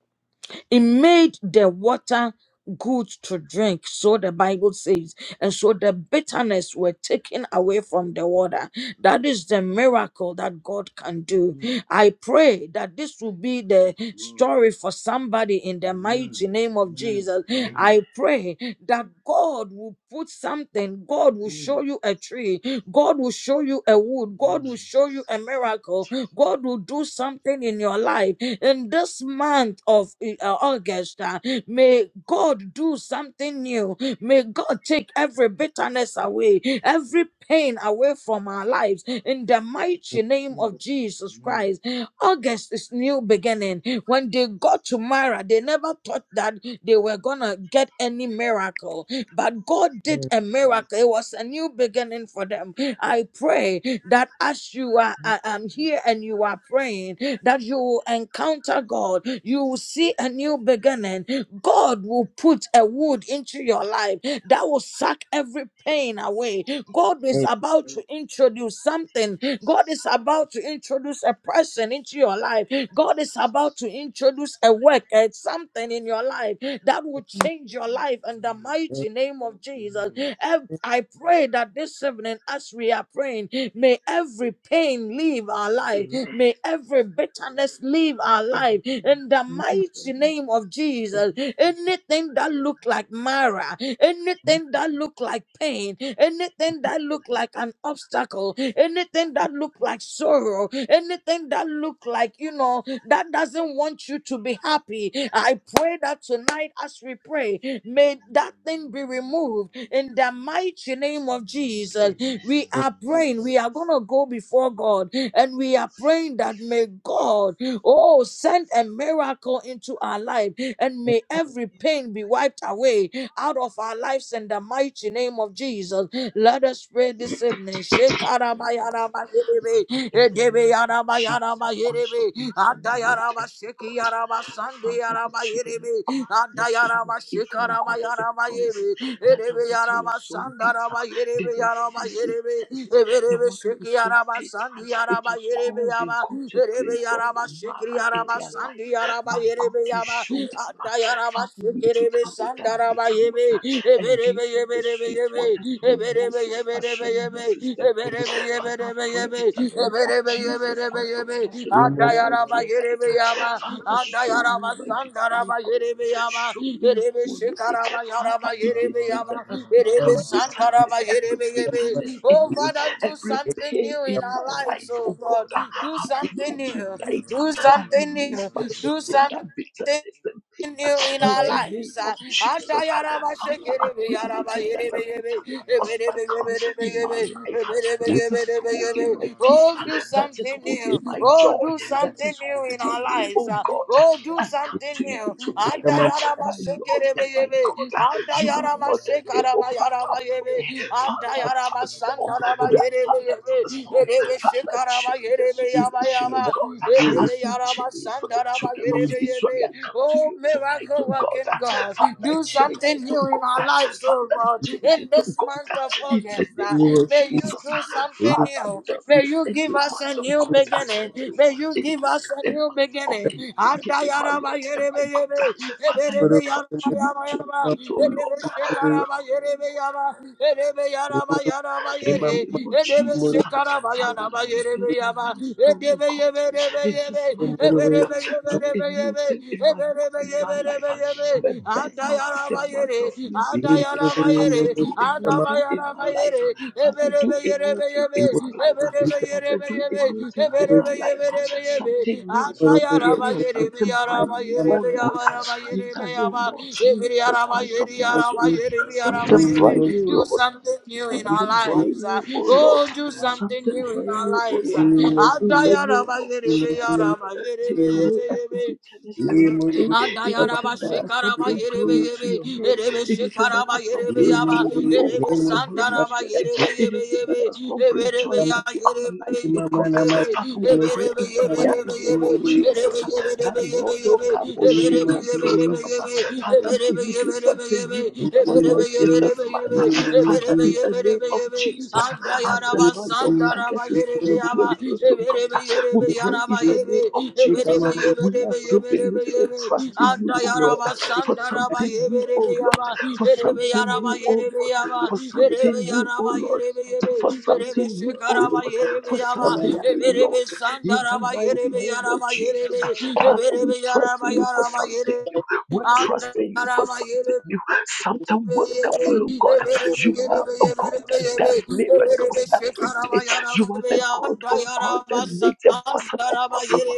It made the water good to drink, so the Bible says, and so the bitterness were taken away from the water. That is the miracle that God can do. Amen. I pray that this will be the Amen. story for somebody in the Amen. mighty name of Amen. Jesus. Amen. I
Amen.
pray that God will put something, God will show Mm. you a tree, God will show you a wood, God will Mm. show you a miracle, God will do something in your life in this month of eh, uh, August, uh, may God do something new. May God take every bitterness away, every pain away from our lives in the mighty name of Jesus Christ. August is new beginning. When they got to Mara, they never thought that they were gonna get any miracle, but God did
Amen.
a miracle. It was a new beginning for them. I pray that as you are, I am here and you are praying that you will encounter God, you will see a new beginning. God will put a wood into your life that will suck every pain away. God is
Amen.
about to introduce something. God is about to introduce a person into your life. God is about to introduce a work, a something in your life that will change your life in the mighty name of Jesus. Ev- I pray that this evening, as we are praying, may every pain leave our life, may every bitterness leave our life in the mighty name of
Amen,
Jesus. Anything that look like Mara, anything that look like pain, anything that look like an obstacle, anything that look like sorrow, anything that look like, you know, that doesn't want you to be happy. I pray that tonight as we pray, may that thing be removed in the mighty name of Jesus. We are praying, we are going to go before God and we are praying that may God, oh, send a miracle into our life and may every pain be wiped away out of our lives in the mighty name of Jesus. Let us pray this evening. Shekarabayarabayerebe,
Father, in the name of Jesus Christ
edebeyarabayarabayerebe,
of Nazareth, my Lord and my God. Father, the children of
andayarabashekiarabasandeyarabayerebe,
God, the children of Israel got to a place
andayarabashekarabayarabayerebe,
that the water was so bitter. They were faced with
edebeyarabasandarabayerebe,
thirst. The water was so bitter. It was called, they
eberebeshekiarabasandeyarabayerebe,
got to a place of Mara in their life. But God,
Erebeyarabashikiriyarabasandiyarabayerebe,
you showed up. Father, you took away that
Adayarabashikiribisandarabashikiribe, Oh,
bitter
Father,
water and gave them the sweet water through Moses, by showing Moses the way. Father, I pray in the name of Jesus Christ of Nazareth, our Lord, tonight. Father, show me my destiny. Help me. Show me who I am. Father, anything that has become bitterness, every bitterness in me,
do
every
something
pain
new in
in
our
my
lives,
life,
oh
oh God,
God.
I
Do
I pray
something new.
tonight.
Do
I
something
release
new.
myself
Do
from that
something
bitterness and
in you in
pain in
our
the name
lives.
of Jesus. Father, I pray anything that has become an obstacle in my life that is holding my peace,
Oh, do
that is
something
holding
new.
my
Oh,
joy
do
that
something
is
new in our
holding me,
lives.
oh God.
Oh, do
I come
something
to you
new.
tonight, my Lord and my God. You are more than able, Father. Pray, Father, transform, Father, transform, Father, change the situation, oh God. As you change it for the children of Israel, I
Oh,
come to
Oh,
you tonight,
miracle
oh God.
working God,
Father,
do
change
something
it, oh
new in
God.
our lives, oh
Father,
God.
change
In
it, oh
this month
God.
of
In the
August,
name
uh,
of
may you
Jesus,
do something
Father,
new.
this
May
is a
you give
new
us a
month, oh
new beginning.
God
May you
in
give
you,
us
the
a new
mind of
beginning.
the
Anta
wicked, my
yaraba
Lord and my
yerebe
God.
yebe,
Father,
eberebe
I come to
yaraba
you
yaba yaba,
tonight, oh
edebe
Lord.
shekaraba yerebe yaba, edebe yaraba yaraba
In the
yere,
name of
edebe
Jesus,
shekaraba
Father, as
yaraba
I hit
yerebe
my
yaba,
milestone, oh
edebe
God.
yebe rebe
In this month,
yebe,
Lord,
eberebe yebe
do a
rebe
new
yebe,
thing
do
in my in my life. My birth month is a month of new beginning. Father, do a new thing in my life. Father, do a new thing in my life.
Amen.
Father, do a new thing in
Thank
my life. Something new, something new, something bright new, oh Lord. In the name of Jesus Christ of Nazareth, something bright new, Lord.
something new in our
Something bright
lives.
me,
uh,
oh Lord.
Oh, do something
Something
new in
bright
our
me, oh
lives. uh,
Lord. In the name of
Adayarabayerebe,
Jesus, take
yarabayerebe,
away
yebe,
every
yebe.
bitterness, every pain, anything
Andayaraba
that does not
Shekaraba
bring
Yerebe
glory to
Yebe,
your name,
Erebe
anything that
Shekaraba
does not
Yerebe
bring
Yaba,
joy, oh
Erebe
God, and glory
Sandaraba
to your name,
Yerebe Yebe
anything that
Yebe,
does not bring joy
Eberebe Ya
into our
Yerebe
lives, oh God.
Yebe,
Father, we pray
Eberebe
in the
Yebe
mighty
Yebe
name of
Yebe,
Jesus
Erebe Yebe
that
Yebe Yebe
Lord, oh
Yebe,
Kapo
Eberebe
Shika
Yebe
Tora Papa,
Yebe Yebe,
Father, may
Eberebe
you do
Yebe
something
Yebe
new
Yebe,
in our
Eberebe Yebe
lives in this
Yebe
month.
Yebe,
Father,
Eberebe
in the name
Yebe
of Jesus,
Yebe Yebe,
as the
Yaraba
month of
sandaraba
August is
yerebe
coming to a
yaba
close, to
yeberebe
God, we
yerebe
pray in
yaraba
the
yebe
name of Jesus.
yeberebe
We are
yeberebe
still believing
yeberebe
and
yebe
trusting you,
anda
oh God,
yaraba
for
sandaraba
something new, oh
yeberebe
Lord,
yaba
for
yerebe
something
yaraba
new, oh
yerebe
Lord,
yaba
for
yerebe
something new, oh
yaraba
Lord.
yerebe yebe
For
yerebe
something new, oh
şekaraba
Lord,
yerebe
for
yaba
you.
something new, Lord,
yeberebe
in the
sandaraba
mighty
yerebe
name of
yaraba
Jesus.
yerebe
Father, we
yeberebe
trust in
yaraba
you for
yaraba
something
yere
new. We trust
anda
in you for something new, something wonderful,
Oh,
oh God you are a God that does miracles every day. You are the God, oh God, that makes the possible possible.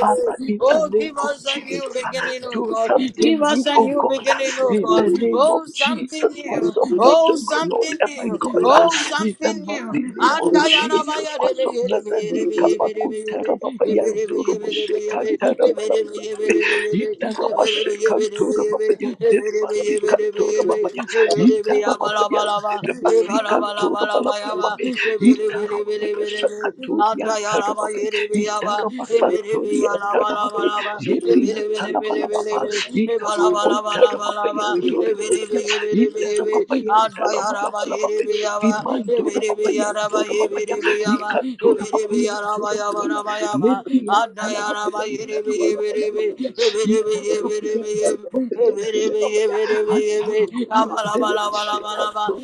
Father, in the name
give
of
us a
Jesus,
new
uh,
beginning, oh
do
God. Give
something new,
us a
oh
new
God, uh,
beginning, oh
in the
God.
name of
Oh,
Jesus
something new.
Christ of
Oh,
Nazareth, my Lord
something
and my God.
new. Oh,
In the
something
mighty
new.
name of Jesus Christ of Nazareth, Nikamakuntarababayandoroboshekantarabalabalababe. Itarabashekantorobabayanderebasikantorababaya. Itarababayanderebasikantorabalabalalababe. Itarababashakantoroyantarababe. Itarabasantoriyantarababe. Yebriyantarabalababa. Ikamakuntarababayandorobabaya.
Yabba, Ribi, Adayaraba,
Itarababayandalabalabalaba.
Ribiava,
Imando
Ribiava,
the papaya,
Ribiava,
dura papaya, ikantura papaya,
Ribiava,
dura papaya,
Yava,
lebria
Adayaraba,
Talapapaya,
Ribi, Ribi,
Talapapaya, eat the papaya, dala bala bala papaya, idala papaya, dura papaya, dele papaya, hatara papaya, dele sheka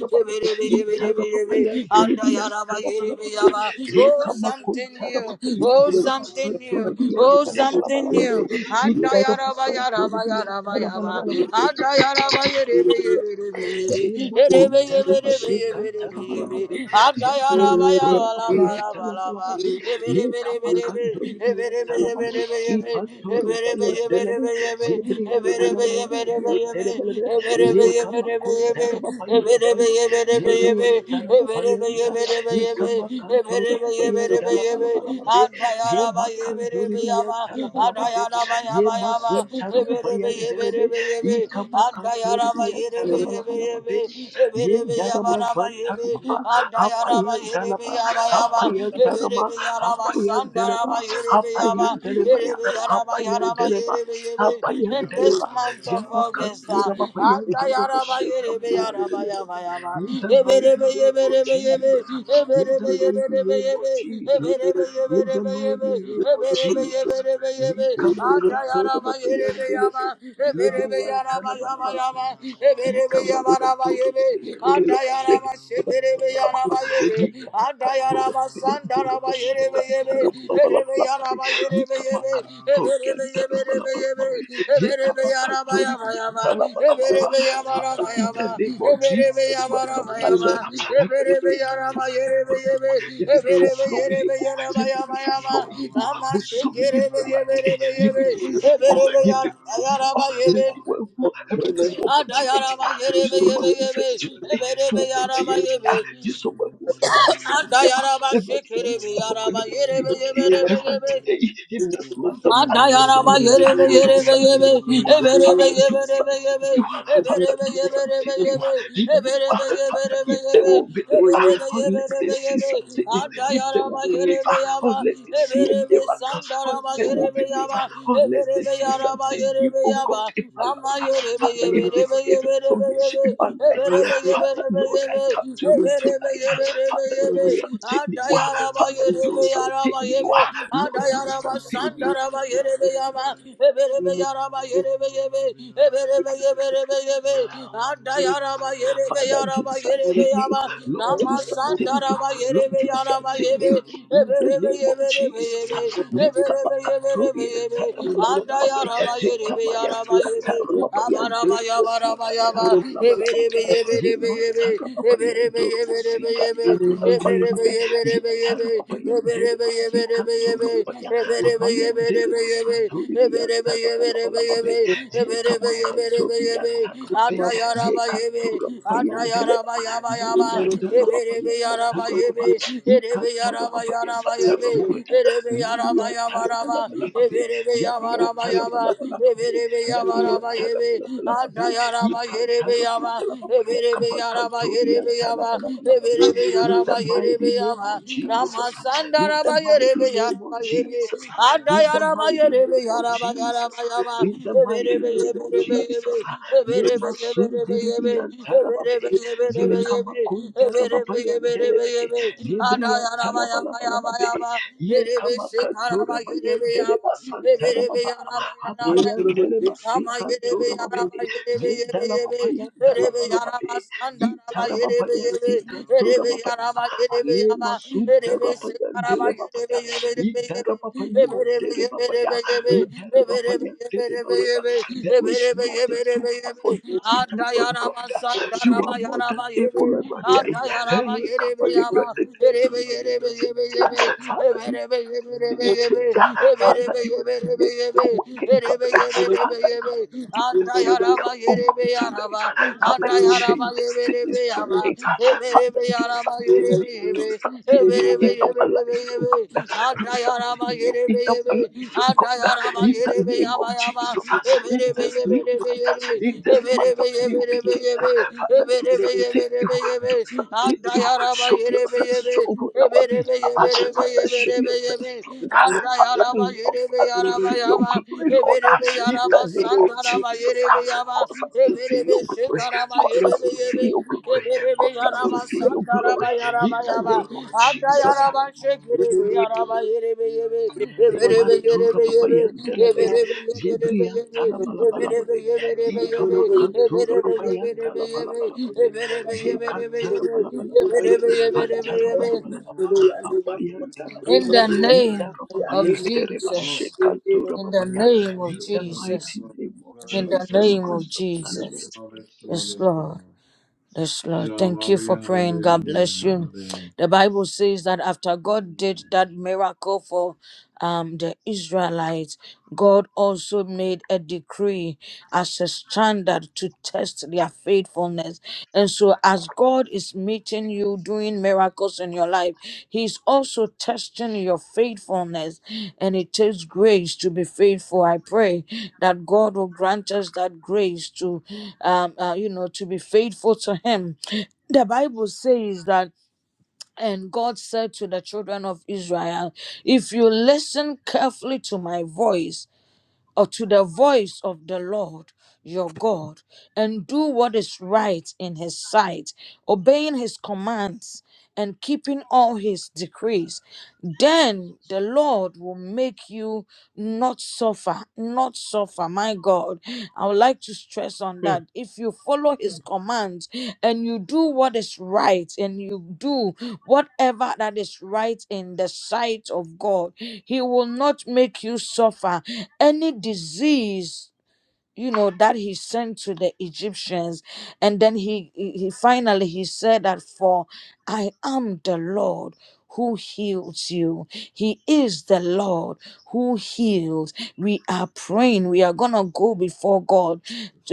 papaya, itara papaya, dele bia the papaya,
Oh,
yekama
something
kuntara
new.
papaya,
Oh,
dele
something
basantura
new.
bia
Oh,
tala bala
something
bala
new.
papaya, idara
Adayaraba,
basantura
Yaraba,
bia
Yaraba,
tala
Yaraba, Adayaraba, Ribi.
Yema kontaraba sekantaraba lababe. Yabriyan torababayan talabalababe. Ye kama kandoriyan talaba. İpan torababayan delebe. Zebriyan talabalababyan terebelebe. Ye kama kondarababayan delebe. Zebriyan tarababayan ta. Ye kama kantorababayan dalabalabalababe. Ye makandoriyan tarabalababe. Ye mazun tarababayan delebe.
Yama,
Ikamakantori
yaraba yerebe yebe
biyatarabalabalaba
yebe eberebe
Yendarama
yabaraba
Zantarama
yerebe anda yaraba
Hapayan
yerebe
Dalaba
yaba
Hapayan
yerebe
Darama
eberebe yaraba
Hapayan
sandaraba
Deleba
yerebe yaba
Hapayan Delebaya
yerebe yaraba
Hapayan
yaraba
Deleba
yerebe yerebe
Hapayan
in this
Deleba
month of August uh,
Yamakanturama Payan
anda
Duramo
yaraba yerebe
Shekabayan
yaraba
Deleba
yaba yaba
in the mighty
yerebe yerebe
name of
yerebe
Jesus,
yerebe
in the
yerebe
mighty
yerebe yerebe
name of Jesus,
yerebe
in the
yerebe
mighty name of
yerebe
Jesus,
yerebe yebe
Lika
anda yaraba
Makantorama Payan
yerebe yaba
Delebe
yerebe
Librian
yaraba
Ika makantura babayandere baseka. Yikamakantora bayandoro bosikantara balabalabalabe. Yikamakantori yantara balabalababe. Yikamakantori yantara balabalaba. Father, in the name of Jesus Christ of Nazareth, I pray for yebimifu flow yebo yebimifu flow yebo busumi yemirati yebimifu flow yebimifu flow
Yama
maybe well eradi so many yeti
Adayaraba
ah
yerebe
so many
yebe
who
yebe.
said to me
Eberebe
so many
yaraba
yeti
yebe.
Yesu wagusa wasisandiyama
Adayaraba
every day
şekerebe
looking upon
yaraba yerebe yebe
everybody
yebe
every
yebe.
day in this month of August, oh
Adayaraba
Lord,
yerebe
do
yerebe yebe.
something new.
Eberebe
Father, do
yeberebe
something
yebe.
new. Father,
Eberebe
do
yeberebe
something new.
yebe.
Renew, uh,
Eberebe
Father,
yeberebe
if they
yebe.
will believe, uh,
Eberebe
unless they
yeberebe
see
yebe.
something new, if they
Adayaraba
will believe,
yerebe
uh,
yaba.
unless they see a
Eberebe
miracle, unless
sandaraba
they will
yerebe
believe, uh,
yaba.
unless they
Eberebe
see
yaraba
something new,
yerebe
oh God,
yaba.
in my
Nama
life. uh,
yerebe
Father, if they
yeberebe
see a
yeberebe
transformation
yebe.
in my life,
Eberebe
Father,
yeberebe
Lord, I
yebe.
come to you
Eberebe
tonight.
yeberebe
Father, do
yebe.
something new.
Adayaraba
Father, do
yerebe
something
yaraba
new.
yebe ada
Lord, do
yaraba
something new.
sandaraba yerebe yaba eberebe yaraba yerebe yebe eberebe yeberebe yebe ada yaraba yerebe
Father, do
yaraba yerebe
something new.
yaba
Lord,
ama
do something new.
sandaraba
Lord,
yerebe
do
yaraba
something
yebe
new. In the
eberebe
name of
yeberebe
Jesus.
yebe eberebe yeberebe
Likabakatori and
yebe ada
Tarabalababe.
yaraba yerebe
Hikamaya
yaraba yebe amaraba
Sakatarababayandor
yabaraba
Mosika
yaba
Thank
Tarabalababe.
eberebe yeberebe yebe eberebe
Yematarababayandor
yeberebe
Mosika
yebe
Tarabalababe. Yetarababayander Masika Torababaya. Amayander Masatori Biyatarabalababe. Yekamakanto Biyatarababe. Yekatura Papa Yandelema, Yandala Papa Yasatara Papa, Yikatara Papa Yasatara Papa, Lamia Tarapalapalapabe, Yamia Tarapalapalapabe, Yamia Tarapalapalapabe, Yikantarapalapalapapa
Yama, Yama,
Yakabakantoria Tarapalapalapabe. In the mighty name of Jesus, in the mighty name of Jesus, in the mighty name of Jesus, in the mighty name of Jesus. Ye masundidi yantarababe. Ye kamakuntarababayandelebe. Ye briyantalabalabalababe. Ye kamakatorabayandeleba santarababa. Apayandeleba
Kama yerebe
sikantorababe.
yaraba yerebe
Ye
yebe yebe. Erebe
dalabapayandalabalababe.
yaraba sandaraba yerebe yebe. Erebe
Intarababayasikatorababe.
yaraba yerebe yaba.
Alema
Erebe
suntarapaya
sekaraba yerebe
derepapaya.
yebe yebe yebe. Ebe
Idarapapaya
rebe yebe
derepapaya.
rebe yebe. Ebe rebe
Idarapapaya
yebe rebe
derepapaya.
yebe.
There
Ebe
is
rebe yebe
nothing too
rebe
hard
yebe.
for you to do,
Ada
oh God.
yaraba
You
sandaraba
are more than
yaraba yebe.
able, Erante.
Ada
Hey,
yaraba
come
yerebe
on, you're
yaba.
your
Erebe
destiny.
yerebe
changer.
yebe yebe.
Father,
Ebe
you
rebe yebe rebe
didn't change.
yebe. Yebe
Father,
yebe
you make a working God. Father, you will never come, oh God, tonight. Come and change destinies tonight. Father, do something new. Do something new in our lives, oh God. Do something new in our lives, oh God. In the name of Jesus, in this new month, in this month of new beginning, Father, do something new. Do something new. Show yourself strong on our behalf. Father, show
Andayaraba
yourself
debe.
strong.
Anda yaraba
Father, cause
yerebe
us to
yaraba
see your
yaba.
glory, Lord.
Eberebe
In
yaraba
the name of
sandaraba
Jesus,
yerebe yaba.
cause us to see
Eberebe
your glory.
şekaraba
Cause us
yerebe
to see
yebe.
your glory.
Eberebe
Cause us to
yaraba
see your
sandaraba
glory. In
yaraba
the
yaba.
name of
Anda
Jesus,
yaraba şekerebe yaraba yerebe yebe. Eberebe
Zimantura
yerebe yebe.
papayan delebe.
Eberebe yeberebe
Zebrian
yebe. Eberebe
talabalabalababe.
yeberebe yebe.
Ikamakantura
Eberebe
papayan
yeberebe yebe.
dalabalabalababe.
Eberebe yeberebe yebe.
Zekantarabalabalababaya.
Eberebe yeberebe yebe.
Antarabalabalababa. Apayan
In
dalabalaba.
the
you.
name of
Idarababayan
Mama,
dereba.
Jesus.
Shekantura
In the
papaya.
name of
In the
Jesus.
mighty name of
In the
Jesus
name of
Christ of
Jesus.
Nazareth.
Yes, Lord. Yes, Lord. Thank you for praying. God bless you. The Bible says that after God did that miracle for um, the Israelites, God also made a decree as a standard to test their faithfulness. And so, as God is meeting you, doing miracles in your life, He's also testing your faithfulness. And it takes grace to be faithful. I pray that God will grant us that grace to um, uh, you know, to be faithful to Him. The Bible says that, and God said to the children of Israel, If you listen carefully to my voice, or to the voice of the Lord your God and do what is right in his sight, obeying his commands and keeping all his decrees, then the Lord will make you not suffer, not suffer. My God, I would like to stress on that. If you follow his commands and you do what is right and you do Whatever that is right in the sight of God, He will not make you suffer any disease you know that he sent to the egyptians and then he he he finally he said that for i am the lord who heals you he is the lord who heals we are praying we are gonna go before god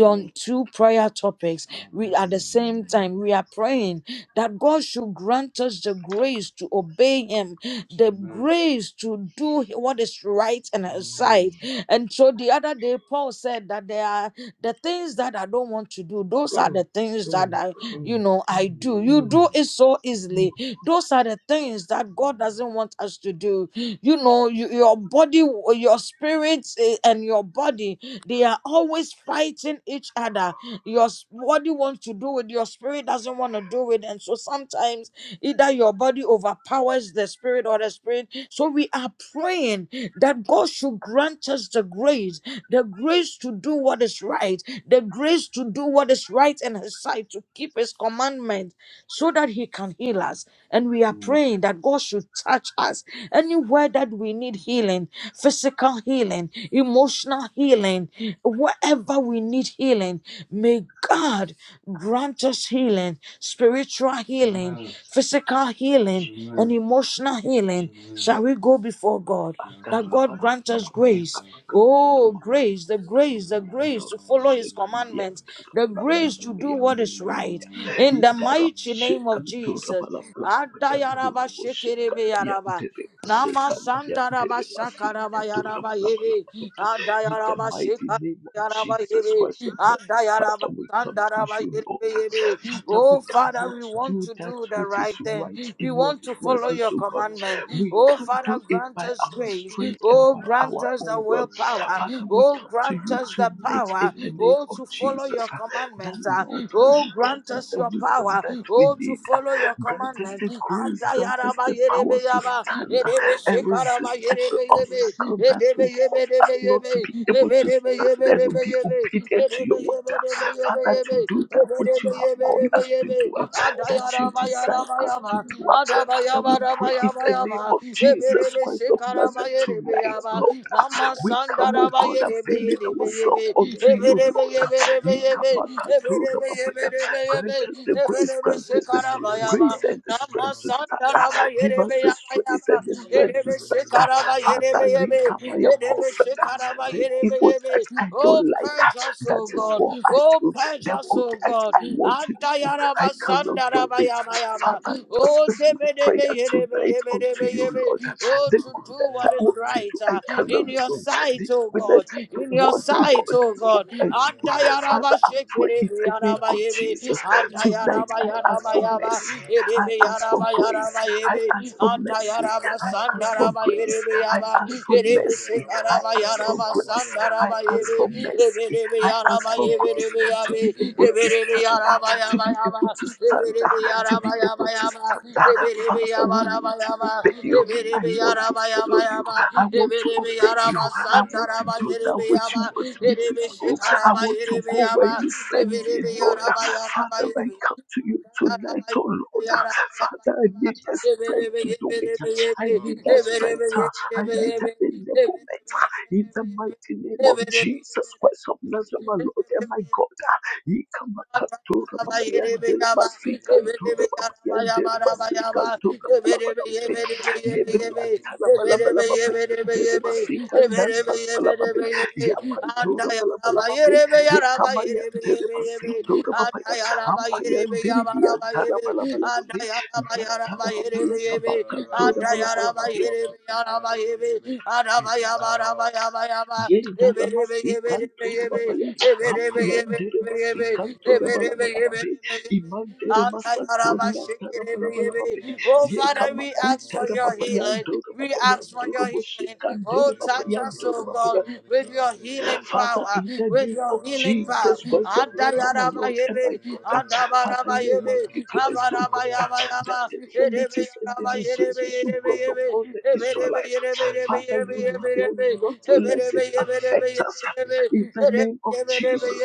on two prayer topics we at the same time we are praying that god should grant us the grace to obey him the grace to do what is right in his sight and so the other day, Paul said that there are the things that I don't want to do, those are
Mm,
the things that
mm,
I, you
mm,
know, I do. You
mm.
do it so easily. Those are the things that God doesn't want us to do. You know, you, your body, your spirit, eh, and your body, they are always fighting each other. Your s- body wants to do it, your spirit doesn't want to do it. And so sometimes either your body overpowers the spirit or the spirit. So we are praying that God should grant us the grace, the grace to do what is right, the grace to do what is right in His sight, to keep His commandment, so that He can heal us. And we are praying that God should touch us anywhere that we need healing, physical healing, emotional healing, wherever we need healing. May God grant us healing, spiritual healing, physical healing healing, an emotional healing. Shall we go before God?
In
That God grant us grace. Oh, grace, the grace, the grace to follow His commandments, the grace to do what is right. In the mighty name of Jesus. Adayaraba shekerebe yaraba. Nama sandaraba shakaraba yaraba yebe.
the
Adayaraba
mighty name of
Yaraba
Jesus
Yebe,
Christ of Nazareth,
Anda Yaraba,
Father, we come to
Sandaraba
you, Lord.
Yebe Yebe.
Father,
Oh
we
Father,
cannot
we want
do
to
that
do the
which is
right thing.
right
We
in your
want to follow
presence,
your
O God.
commandment.
We
Oh
can't
Father,
do it
grant
by
us
our
grace.
strength and
Oh,
by
grant
our
us the
own will.
willpower.
Father, we
Oh,
come to
grant
you
us the
tonight
power.
in the name
Oh,
of
to follow
Jesus.
your
ah, That
commandment. Ah,
Lord, may
Oh,
you grant
grant
us
us
the
your
wisdom
power.
that we
Oh, to
need. ah,
follow your
Grant us
commandment.
the grace,
Anda
grant us
Yaraba
the
Yerebe
power to
Yaba,
stand ah,
Yerebe
and resist
Shekaraba
every
Yerebe
obstacle that
Yebe,
will cause us
Namasandara
not to be able to stand and be obedient to your word. ah. Father, to do that which you have called us to do, ah, that you desire us to do. ah that will pray in the name of Jesus Christ of Nazareth tonight, Lord. We come, O God, availing ourselves unto you, Lord. Yikamakatoramapaya. Grant us the grace, grant us the strength, grace and the strength to stand. Give us
Yere
the
Yaba
strength and the
Yaba
strength to
Yerebe
stand.
shekaraba yerebe
Father,
yebe.
Nikamaya
Yerebe
Pulsada,
shekaraba
the
yerebe
evil that
yebe.
I don't
Oh,
like,
purge us,
that
oh
is
God.
what I
Oh,
do.
purge
The
us,
good
oh
that
God.
I want to do, I
Andayaraba
cannot do
sandaraba
it.
yama yama.
Father, this
Oh,
is my
debe debe
prayer
yerebe
tonight
yebe
unto
debe
you, Lord
yebe. Oh,
the
to
good
do
that I
what is
want to
right
do, I
uh,
cannot
in your
do.
sight,
The
oh
good that
God.
I
In
don't
your
want, oh
sight,
God,
oh
that's what
God.
I do.
Andayaraba
Father, I pray in
shekerebe
the name
yaraba
of
yebe.
Jesus. Tonight,
Andayaraba
I ask
yaraba
for mercy. I ask
yaba.
for grace.
Rabayaraba
I ask
Eve,
for mercy.
Antayaraba
I ask for
Sandaraba
grace. I
Erebeaba,
ask for
Erebe
mercy. I
Sekaraba
ask for
Yaraba
grace. I
Sandaraba
ask
Eve,
for mercy.
Eberebe
I ask
Yaraba
for grace
Eberebe
to be
Yabe,
able to
Eberebe
stand up,
Yaraba
to
Yaba
be able
Yaba,
to stand up,
Eberebe
to
Yaraba
be
Yaba
able to
Yaba,
stand up.
Eberebe
Father, we
Yaba Raba
want to
Yaba,
obey you. I
Eberebe
want to
Yaraba Yaba
follow you.
Yaba,
I want to
Eberebe
obey you.
Yaraba
I want to
Sandaraba
do that
Erebe
which you
Yaba,
want me to
Erebe
do. I
Sekaraba
want to
Erebe
go where
Yaba,
you send me,
Eberebe
Lord.
Yaraba Yaraba
Father, I
Eve.
come to you tonight, oh Lord. Father, I need the strength to do it. I need that strength. I need that enablement. In the mighty name of Jesus Christ of Nazareth, my Lord and my God. Ikamakantura babayandere masikandura babayandere masikandura Lebriantalapalapalapape, Jeremasitandanpalapalapape, Yapantorapalapalapape, Yekamayanteremasitorapapaya, Apayandiribiantalapalapalapape, Ratalapapayakabakandorapalapalapape, Yendarabasikantorababaya,
Adayara Oh
apayanderemasikantorabalabalababe, imanderemasatoriantarabalababe,
Father, we ask for your
yekamakuntarababaya,
healing. We
ndorababaya,
ask for your healing.
ndoroboshekandere,
Oh, touch us, oh God, with your healing
Father,
power,
in the
with
name of
your healing power.
Jesus Christ of Nazareth, my Lord and my
Adayarabayebe,
God, Father, your word
adabarabayebe,
declares, oh God, that
abarabayabayaba,
the infirmities and the
erebeyarabayerebe,
diseases you brought
yerebeyebe,
upon the
eberebe,
Israelites,
yerebe, yerebe,
Father,
yerebe,
you
yerebe,
will
yerebe,
not let
eberebe,
it
yeberebe,
affect us.
yeberebe,
In the name
yerebe,
of
Shekara
Jesus,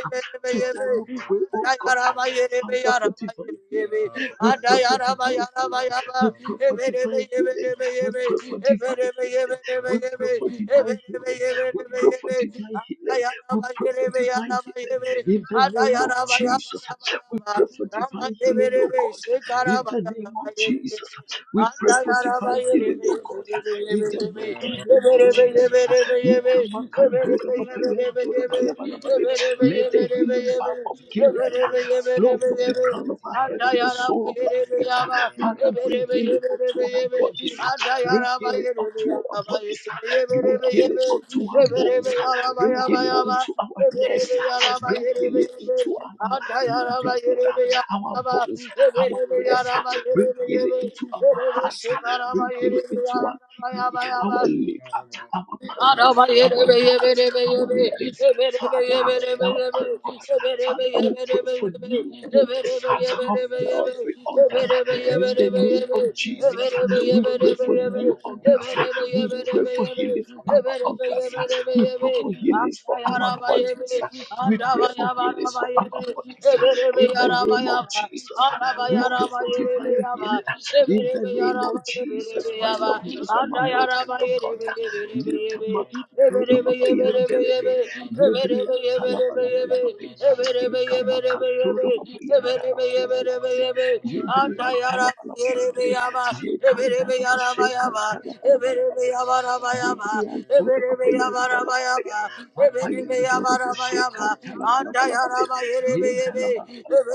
today we pray, oh God, Father, for divine healing. We pray for divine healing. We pray for divine healing. We pray for divine healing. We pray for divine healing. We pray for divine healing. We pray for divine healing in the name of Jesus. We pray for divine healing, oh God, in the name of Jesus. We pray for divine healing, oh God, in the mighty name of Jesus. Ikamakandorabapayandorabalabalaba. Let the healing balm of Gilead flow from the crown of our head to the sole of our feet. Father, bring healing unto our bodies. Bring healing unto our bodies. Bring healing unto our bones. Bring healing into our necks. Bring healing into our
Yama,
our bones, our nerves. Bring healing into our hearts. Bring healing into our kidney,
Yaraba,
our liver, our pancreas,
Yabba,
our guts, our lungs. Father, our pancreas. Father, we pray for new of every organ in the name of Jesus. We pray for new organs. We pray for healing for our organs. We pray for healings for our bodies. We pray for healings for our bodies. In the name of Jesus, we pray for divine healing. In the name of Jesus Christ of Nazareth, my Lord and
Yaraba,
my God. Likamakantoro papayandelebe. Yebriyantalabalabalaba. Ikamakantoro papayantalabalabalaba. Yebriyantalabalabalaba. Yekandarabashekantalabalabalabalaba. Yebriyantoro papayantalabalabalaba. Apayandoro boshekantalabalabalabalaba.
Andayaraba,
Yentalabalabalaba.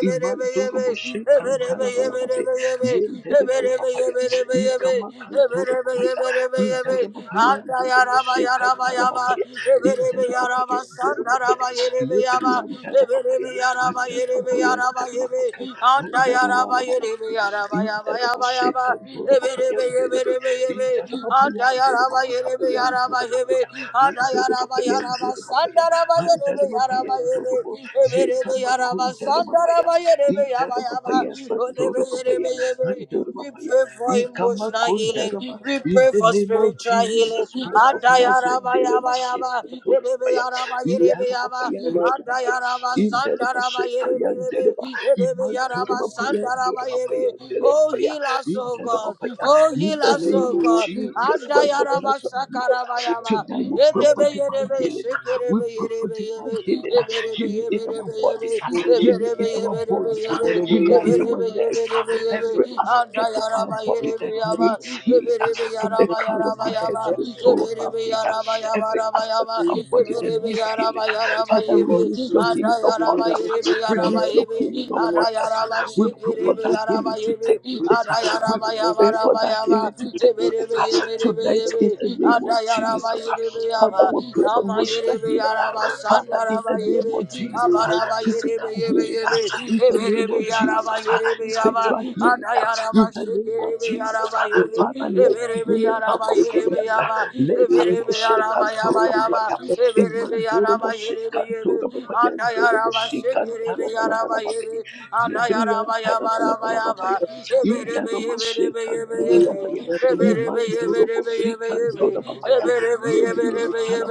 Imandoroboshi
Yabba,
kantalabalababe.
Yarabayaraba,
Yendelebelababaya. Ikamakantorababaya. Indarababaya ndoroboshi kantalababaya. Indarababaya ndorobabaya.
Sandaraba,
Lebriyandarababaya. Andarababaya ndarababaka. Andarabalabalaba. Indaraboshi kantorababaya nderebe. Indarababaya ndorobabakabaya ndorobabaya. Andorobabaya ndorobabaya. Andarababaya
Yaraba,
ndorobo.
Yaraba, Yaraba, Yaraba, we
Yekamakundalababaya,
pray
Itarababaya, Satorababaya, Andorababaya,
for emotional healing.
Ikamakundalaba.
We
In
pray
the
for
name of
spiritual healing.
Jesus Christ of Nazareth,
Adayarabayaba.
Deremashekandorababaya,
Yerebeyarabayerebeyaba.
Indarababaya, Andorababaya,
Adayaraba sandarabayerebeyebe.
Indarabashekayandereba,
Yerebeyaraba
Imantorababaya, Andorababaya,
sandarabayebe. Oh,
Derababaya,
heal us, oh God.
Indarababaya.
Oh,
In
heal
the
us,
name
oh
of
God.
Jesus Christ of
Adayaraba
Nazareth, Lord,
sakarabayaba.
tonight we pray for divine
Yedebeyerebe,
healing. We pray for
shekerebe,
divine healing healing in our bodies, ah, healing in our bones, ah, healing in our necks, ah, every aspect of our body that needs healing ah, from the crown of our head to the sole of our feet, ah, every aspect of our body that needs healing. ah. Father, release your healing upon us, ah, release your healing upon us. ah. We pray for that healing to take place. ah. We pray for that healing to take place ah, tonight in the name of Jesus. ah.
Adayaraba
Father,
Yaba,
we pray for
Nama
emotional
Yerebe
healing.
Yaraba
Father, in
Sandaraba
the name of
Yebe,
Jesus, uh,
Abaraba Yerebe
physical
Yebe
healing, uh,
Yebe,
in the name
Eberebe
of Jesus,
Yaraba
uh,
Yerebe Yaba,
spiritual healing, uh,
Adayaraba
in the name of
Shekerebe
Jesus,
Yaraba
uh,
Yebe,
Father, let the
Eberebe
healing balm
Yaraba
of
Yerebe
Gilead, uh,
Yaba,
let a
Eberebe
Moshe
Yaraba Yaba
Kantora
Yaba,
Babaya,
Eberebe
Imandoro
Yaraba
Moshe
Yerebe Yebe,
Kantora Babaya, Doro
Adayaraba
Moshe
Shekerebe
Kantana
Yaraba
Balabala Babaya,
Yebe,
Yebrian
Adayaraba
Tana
Yaba Yaba
Balabala Babaya,
Yaba, Eberebe
Indara Moshe
Yeberebe Yebe
Kantora
Yebe,
Babaya,
Yebe, Eberebe Heal us, O
Imandoro Moshe
God.
Kantora Babaya, Lebrian Tana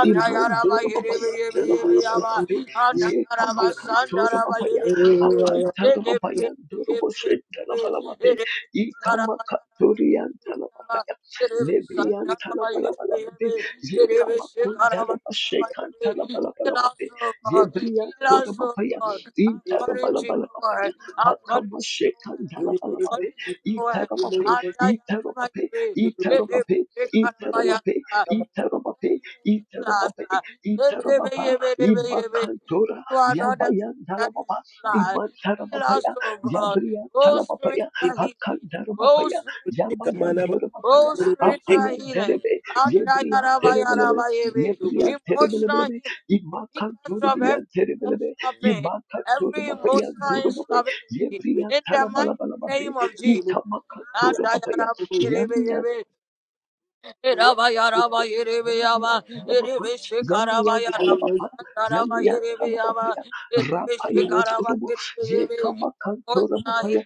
Imandura babaya, dala bala bala babe, zeka makantura babaya, apantara babaya, dura boshe, dala bala babe, ikama katurian tala babaya, lebrian tala bala bala babe, zeka makundara bashe kantala bala bala babe, zebrian
Heal
tura
us, O
babaya,
God.
intara
According
bala
to your
bala babaya,
word. According
akama shekandala bala babe,
to your word.
itara
You
babe,
are not
itara babe,
the God
itara babe, itara babe, Iterobaba, Iterobaba, Imakantora, Yabayan
that is
Talababa,
alive. Heal us,
Imantarababaya,
O God.
Yabria
Oh,
Talababaya,
spiritual healing. Oh,
Hakandarababaya,
spiritual,
Yamayan Dorababaya,
oh, spiritual
Apayan
healing.
Derebe, Yebria Terebelebe,
Adayarabayarabayebe.
Yebria
Emotional
Terebelebe,
healing. Heal us from
Imakantoribian
every
Terebelebe,
emotional pain, every
Imakantorababayan
emotional
Dorababe,
instability.
Yebria
In the mighty
Talabalababe,
name of Jesus.
Itamakatorababaya, papaya, yamiyantala talabapa, yamiyantala papa, yamiyantala papaya, rapaya dorobo, yekama
Thank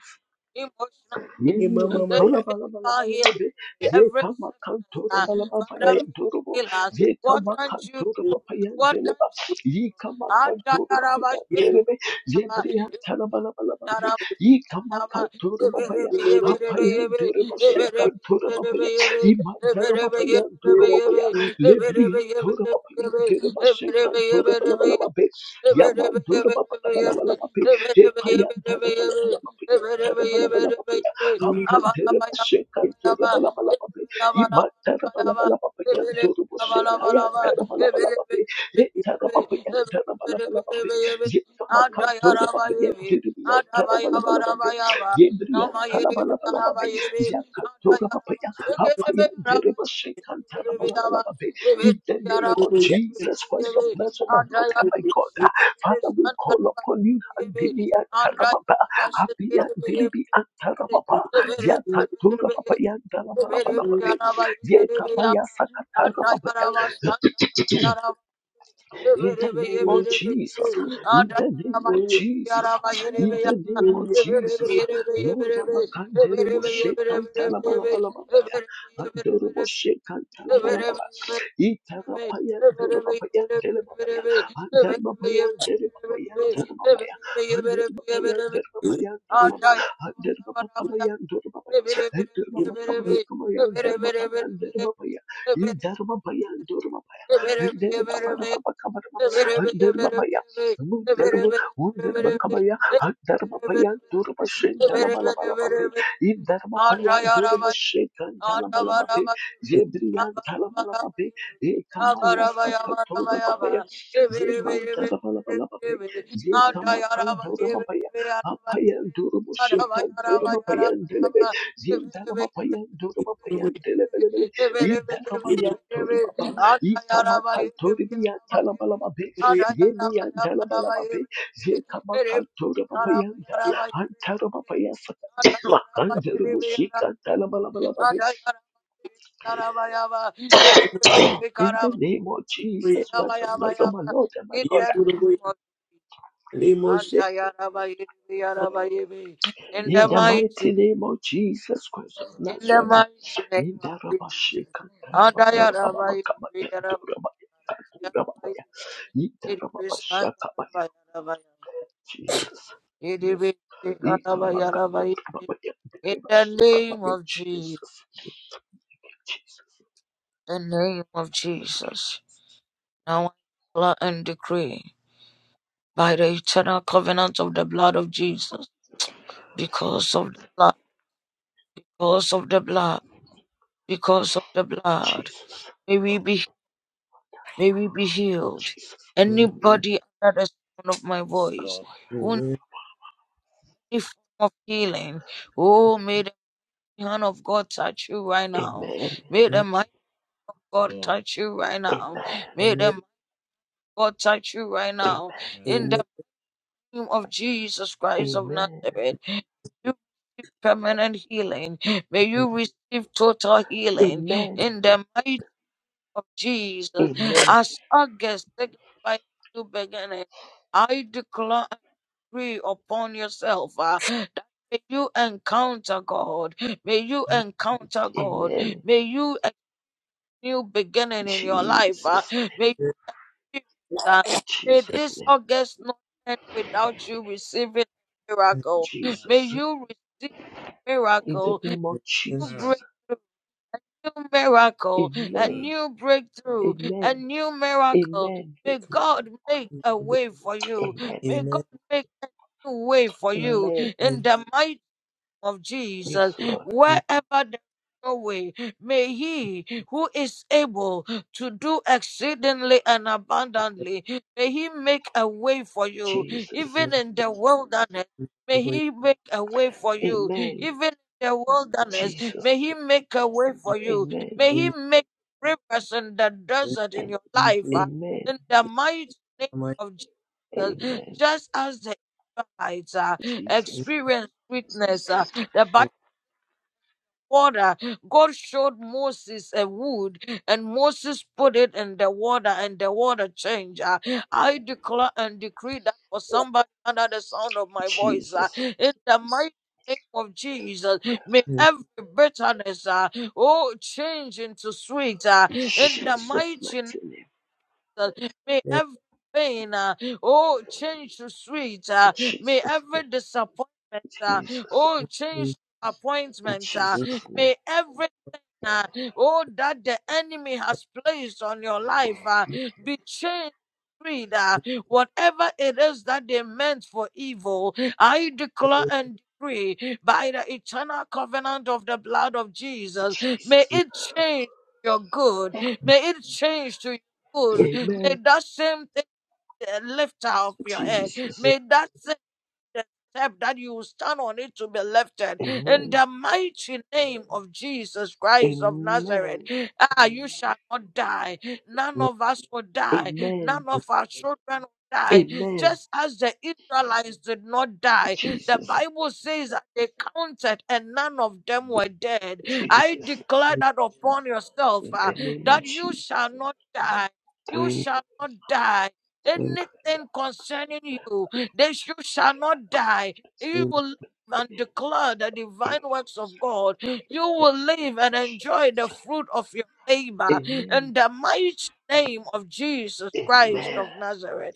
emotional
Yeni
healing, uh,
yantora bala bala
physical
bala
healing,
bebe.
every
Yeka
sickness.
makantora
Uh,
bala baba
Father, may you
yantora bo.
heal us.
ye Yeka
What can you do?
makantora baba
What
yandere
can
ba.
you do?
Yika makantora baba
Adayaraba
yandere be.
shikiriyaba,
Yebri yantara bala bala bebe. Yika
irudusandarabayaba,
makantora baba ya.
ebelebe,
Apa
ebelebe, ebe,
yandere ba shekantora baba ya.
ebelebe, ebelebe, ebe,
Imandara
ebelebe, ebelebe,
baba yantora baba ya.
ebe,
Lebri
ebelebe,
yantora baba yandere ba
ebelebe, ebe, ebelebe,
shekantora bala bala
ebelebe, ebe,
bebe.
Shake
Yamandora baba bala bala bebe. Yeka yantara bala bala bebe. Yantara bala bala bebe. In
it,
the name of Jesus
Yara
Christ of Nazareth, my Lord and my God, Father, we call upon you. and Handimiya tarababa, habiya diribi Yatatura papaya ndalabalabalababe. Yekapaya sakatara papaya. In the name of Jesus, in the name of Jesus, in the name of Jesus, Lord, Amakandere Moshe Kantalabalabalababe. Itarapayan, Durababayan, Delibabayan, Anderbabayan, Delibabayan, Darababayan, Anderbabayan, Darababayan, Darababa, Anderbabakabayan, Durababayan, Anderbabakabakabayan, Darababakan, Darababayan, Indarababayan, Durababayan, Anderbabakabakabayan, Anderbabayan, Mundarbu, Undarbakabaya, Andarbabayan, Durabashin, Dalabalabalababe, Indarbabayan,
Andaya Rabbi,
Durabashin,
Andava
Dalabalabalababe, Zebriyan,
Rabbi,
Dalabalabalababe, Ye
Yara
kamaya sakatora babaya. Ye mantara balabala babaya. Ye kamakantora babaya. Apayandoro musekantora babayandelebe. Ye ndalababayandoro babayandelebelebele. Ye ndalabayantora baba. Ye kamakantori miyatalabalababe. Ye miyantalabalababe. Ye kamakantora babayanda. Antara babaya sakatora.
in
Makandoro
the name of Jesus.
musekantalabalababe.
In the mighty name. In the mighty name of Jesus. Adayarabayarabayabe. It is Sandarabaya. It is Sikarabayarabaye. In the name of Jesus, the name of Jesus. Now I declare and decree by the eternal covenant of the blood of Jesus, because of the blood, because of the blood, because of the blood, may we be, may we be healed. Anybody under the sound of my voice who needs any form of healing, oh, may the hand of God touch you right now. May the mighty God touch you right now. May the mighty God touch you right now. In the name of Jesus Christ of Nazareth, you receive permanent healing. May you receive total healing in the might of Jesus. As August signifies new beginning, I declare and agree upon yourself uh, that may you encounter God. May you encounter God. May you a new beginning in your life. uh, may you uh, may
Jesus'
this
name.
August not end without you receiving a miracle May
Jesus.
you receive
In the
miracle,
name of
new
Jesus.
miracle,
Amen.
new breakthrough, a
Amen.
new miracle.
Amen.
May God make a way for you.
Amen.
May God make a way for you.
Amen.
In the mighty of
Yes,
Jesus,
Lord.
wherever there is no way, may He who is able to do exceedingly and abundantly, may He make a way for you,
Jesus.
even in the wilderness. May He make a way for you,
Amen.
even in the wilderness.
Jesus.
May He make a way for you.
Amen.
May He make rivers in the desert in
And
your life. uh,
amen.
In the mighty name of Jesus,
Amen.
just as the Israelites uh,
Jesus.
experience sweetness that by water God showed Moses a wood, and Moses put it in the water, and the water changed. Uh, I declare and decree that for somebody under the sound of my voice, uh,
Jesus.
in the mighty name of Jesus, may every bitterness, uh, oh, change into sweet. uh, in the
Jesus'
mighty
mighty name.
uh, May every pain, uh, oh, change to sweet. Uh, may
Jesus'
every
name.
disappointment, uh,
Jesus.
oh,
Amen.
change to
In
appointment. Uh,
Jesus' name.
may every uh, oh, that the enemy has placed on your life uh,
Good
be changed. freed, uh, whatever it is that they meant for evil, I declare and decree by the eternal covenant of the blood of Jesus, may
Jesus.
it change to your good, may it change to your good, may
Amen.
that same thing uh, lift out of your head,
Jesus.
may that the step that you stand on it to be lifted in
Amen.
the mighty name of Jesus Christ of Nazareth.
Amen.
Ah, you shall not die. None of us will die.
Amen.
None of our children will die.
Amen.
Just as the Israelites did not die, the
Jesus,
Bible says that they counted and none of them were dead. I
Jesus,
declare that upon yourself
in
ah,
the name of
that you
Jesus.
shall not die.
Die
You shall not die.
to the
Anything
devil.
concerning you, that you shall not die. You will live and declare the
In the name
divine
of
works of God. You will live and enjoy the
Jesus.
fruit of your labor
Amen.
in the mighty name of Jesus Christ of
Amen.
Nazareth.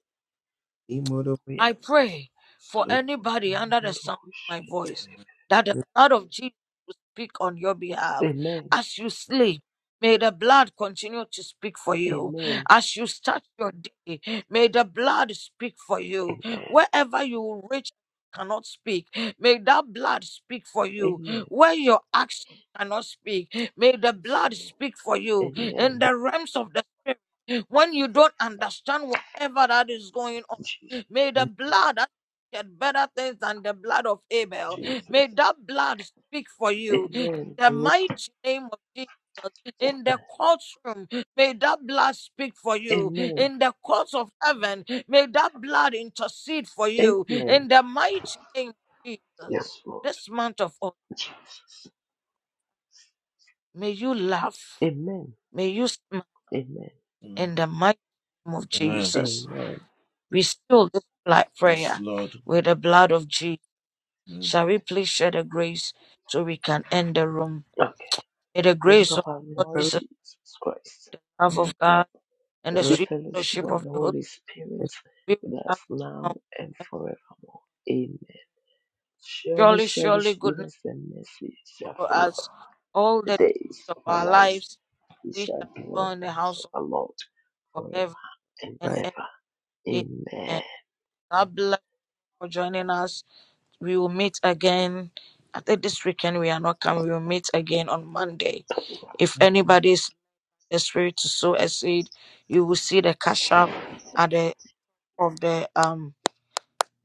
I pray for anybody under the
Amen.
sound of my voice that the blood of Jesus will speak on your behalf
Amen.
as you sleep. May the blood continue to speak for you. As you start your day, may the blood speak for you. Wherever you reach cannot speak, may that blood speak for you.
Amen. Amen.
Where your action cannot speak, may the blood speak for you. In
Amen.
the realms of the spirit, when you don't understand whatever that is going on.
Jesus.
May the blood that shed better things than the blood of Abel. May
Jesus.
that blood speak for you. In
Amen.
the mighty name of Jesus, in the courtroom, may that blood speak for you.
Amen.
In the courts of heaven, may that blood intercede for you.
Amen.
In the mighty name of Jesus,
Yes, Lord.
this month of August,
Jesus.
may you laugh.
Amen.
May you smile
Amen.
in the mighty name of Jesus.
Amen.
We seal this pla- Yes, prayer with the blood of Jesus. Shall we please share the grace so we can end the room? May the
Grace
grace
of
of
our
our Lord
Lord
Jesus,
Jesus Christ,
love Mm. of God, and
the
the
sweet
sweet
fellowship
fellowship
of
of
the
the Holy
Holy
Spirit
Spirit
be with
with us
us
now
now.
and forevermore. Amen. Surely,
Surely,
surely,
surely goodness
goodness and mercy shall
follow
follow us
us all
the
the days
days
of
of our
our
lives.
lives.
We
We
shall
shall dwell
dwell in
in
the
the
house of
house of
the Lord
God
forever
forever
and
and ever.
ever.
Amen.
Amen.
God bless you for joining us. We will meet again. I think this weekend we are not coming. We will meet again on Monday. If anybody is in the spirit to sow a seed, you will see the cash up at the. of the um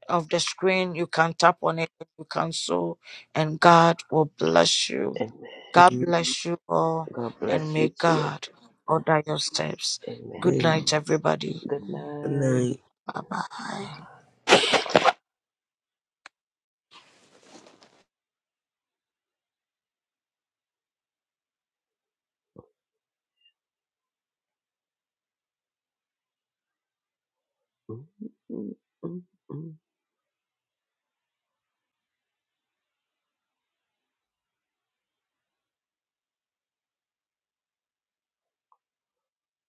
of the screen. You can tap on it. You can sow, and God will bless you.
Amen.
God bless you all,
God
and
bless
may
you too.
God order your steps.
Amen.
Good night, everybody.
Good night.
night.
Bye bye.
Mm, mm, mm, mm, mm,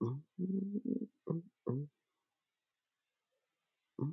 mm, mm, mm. mm.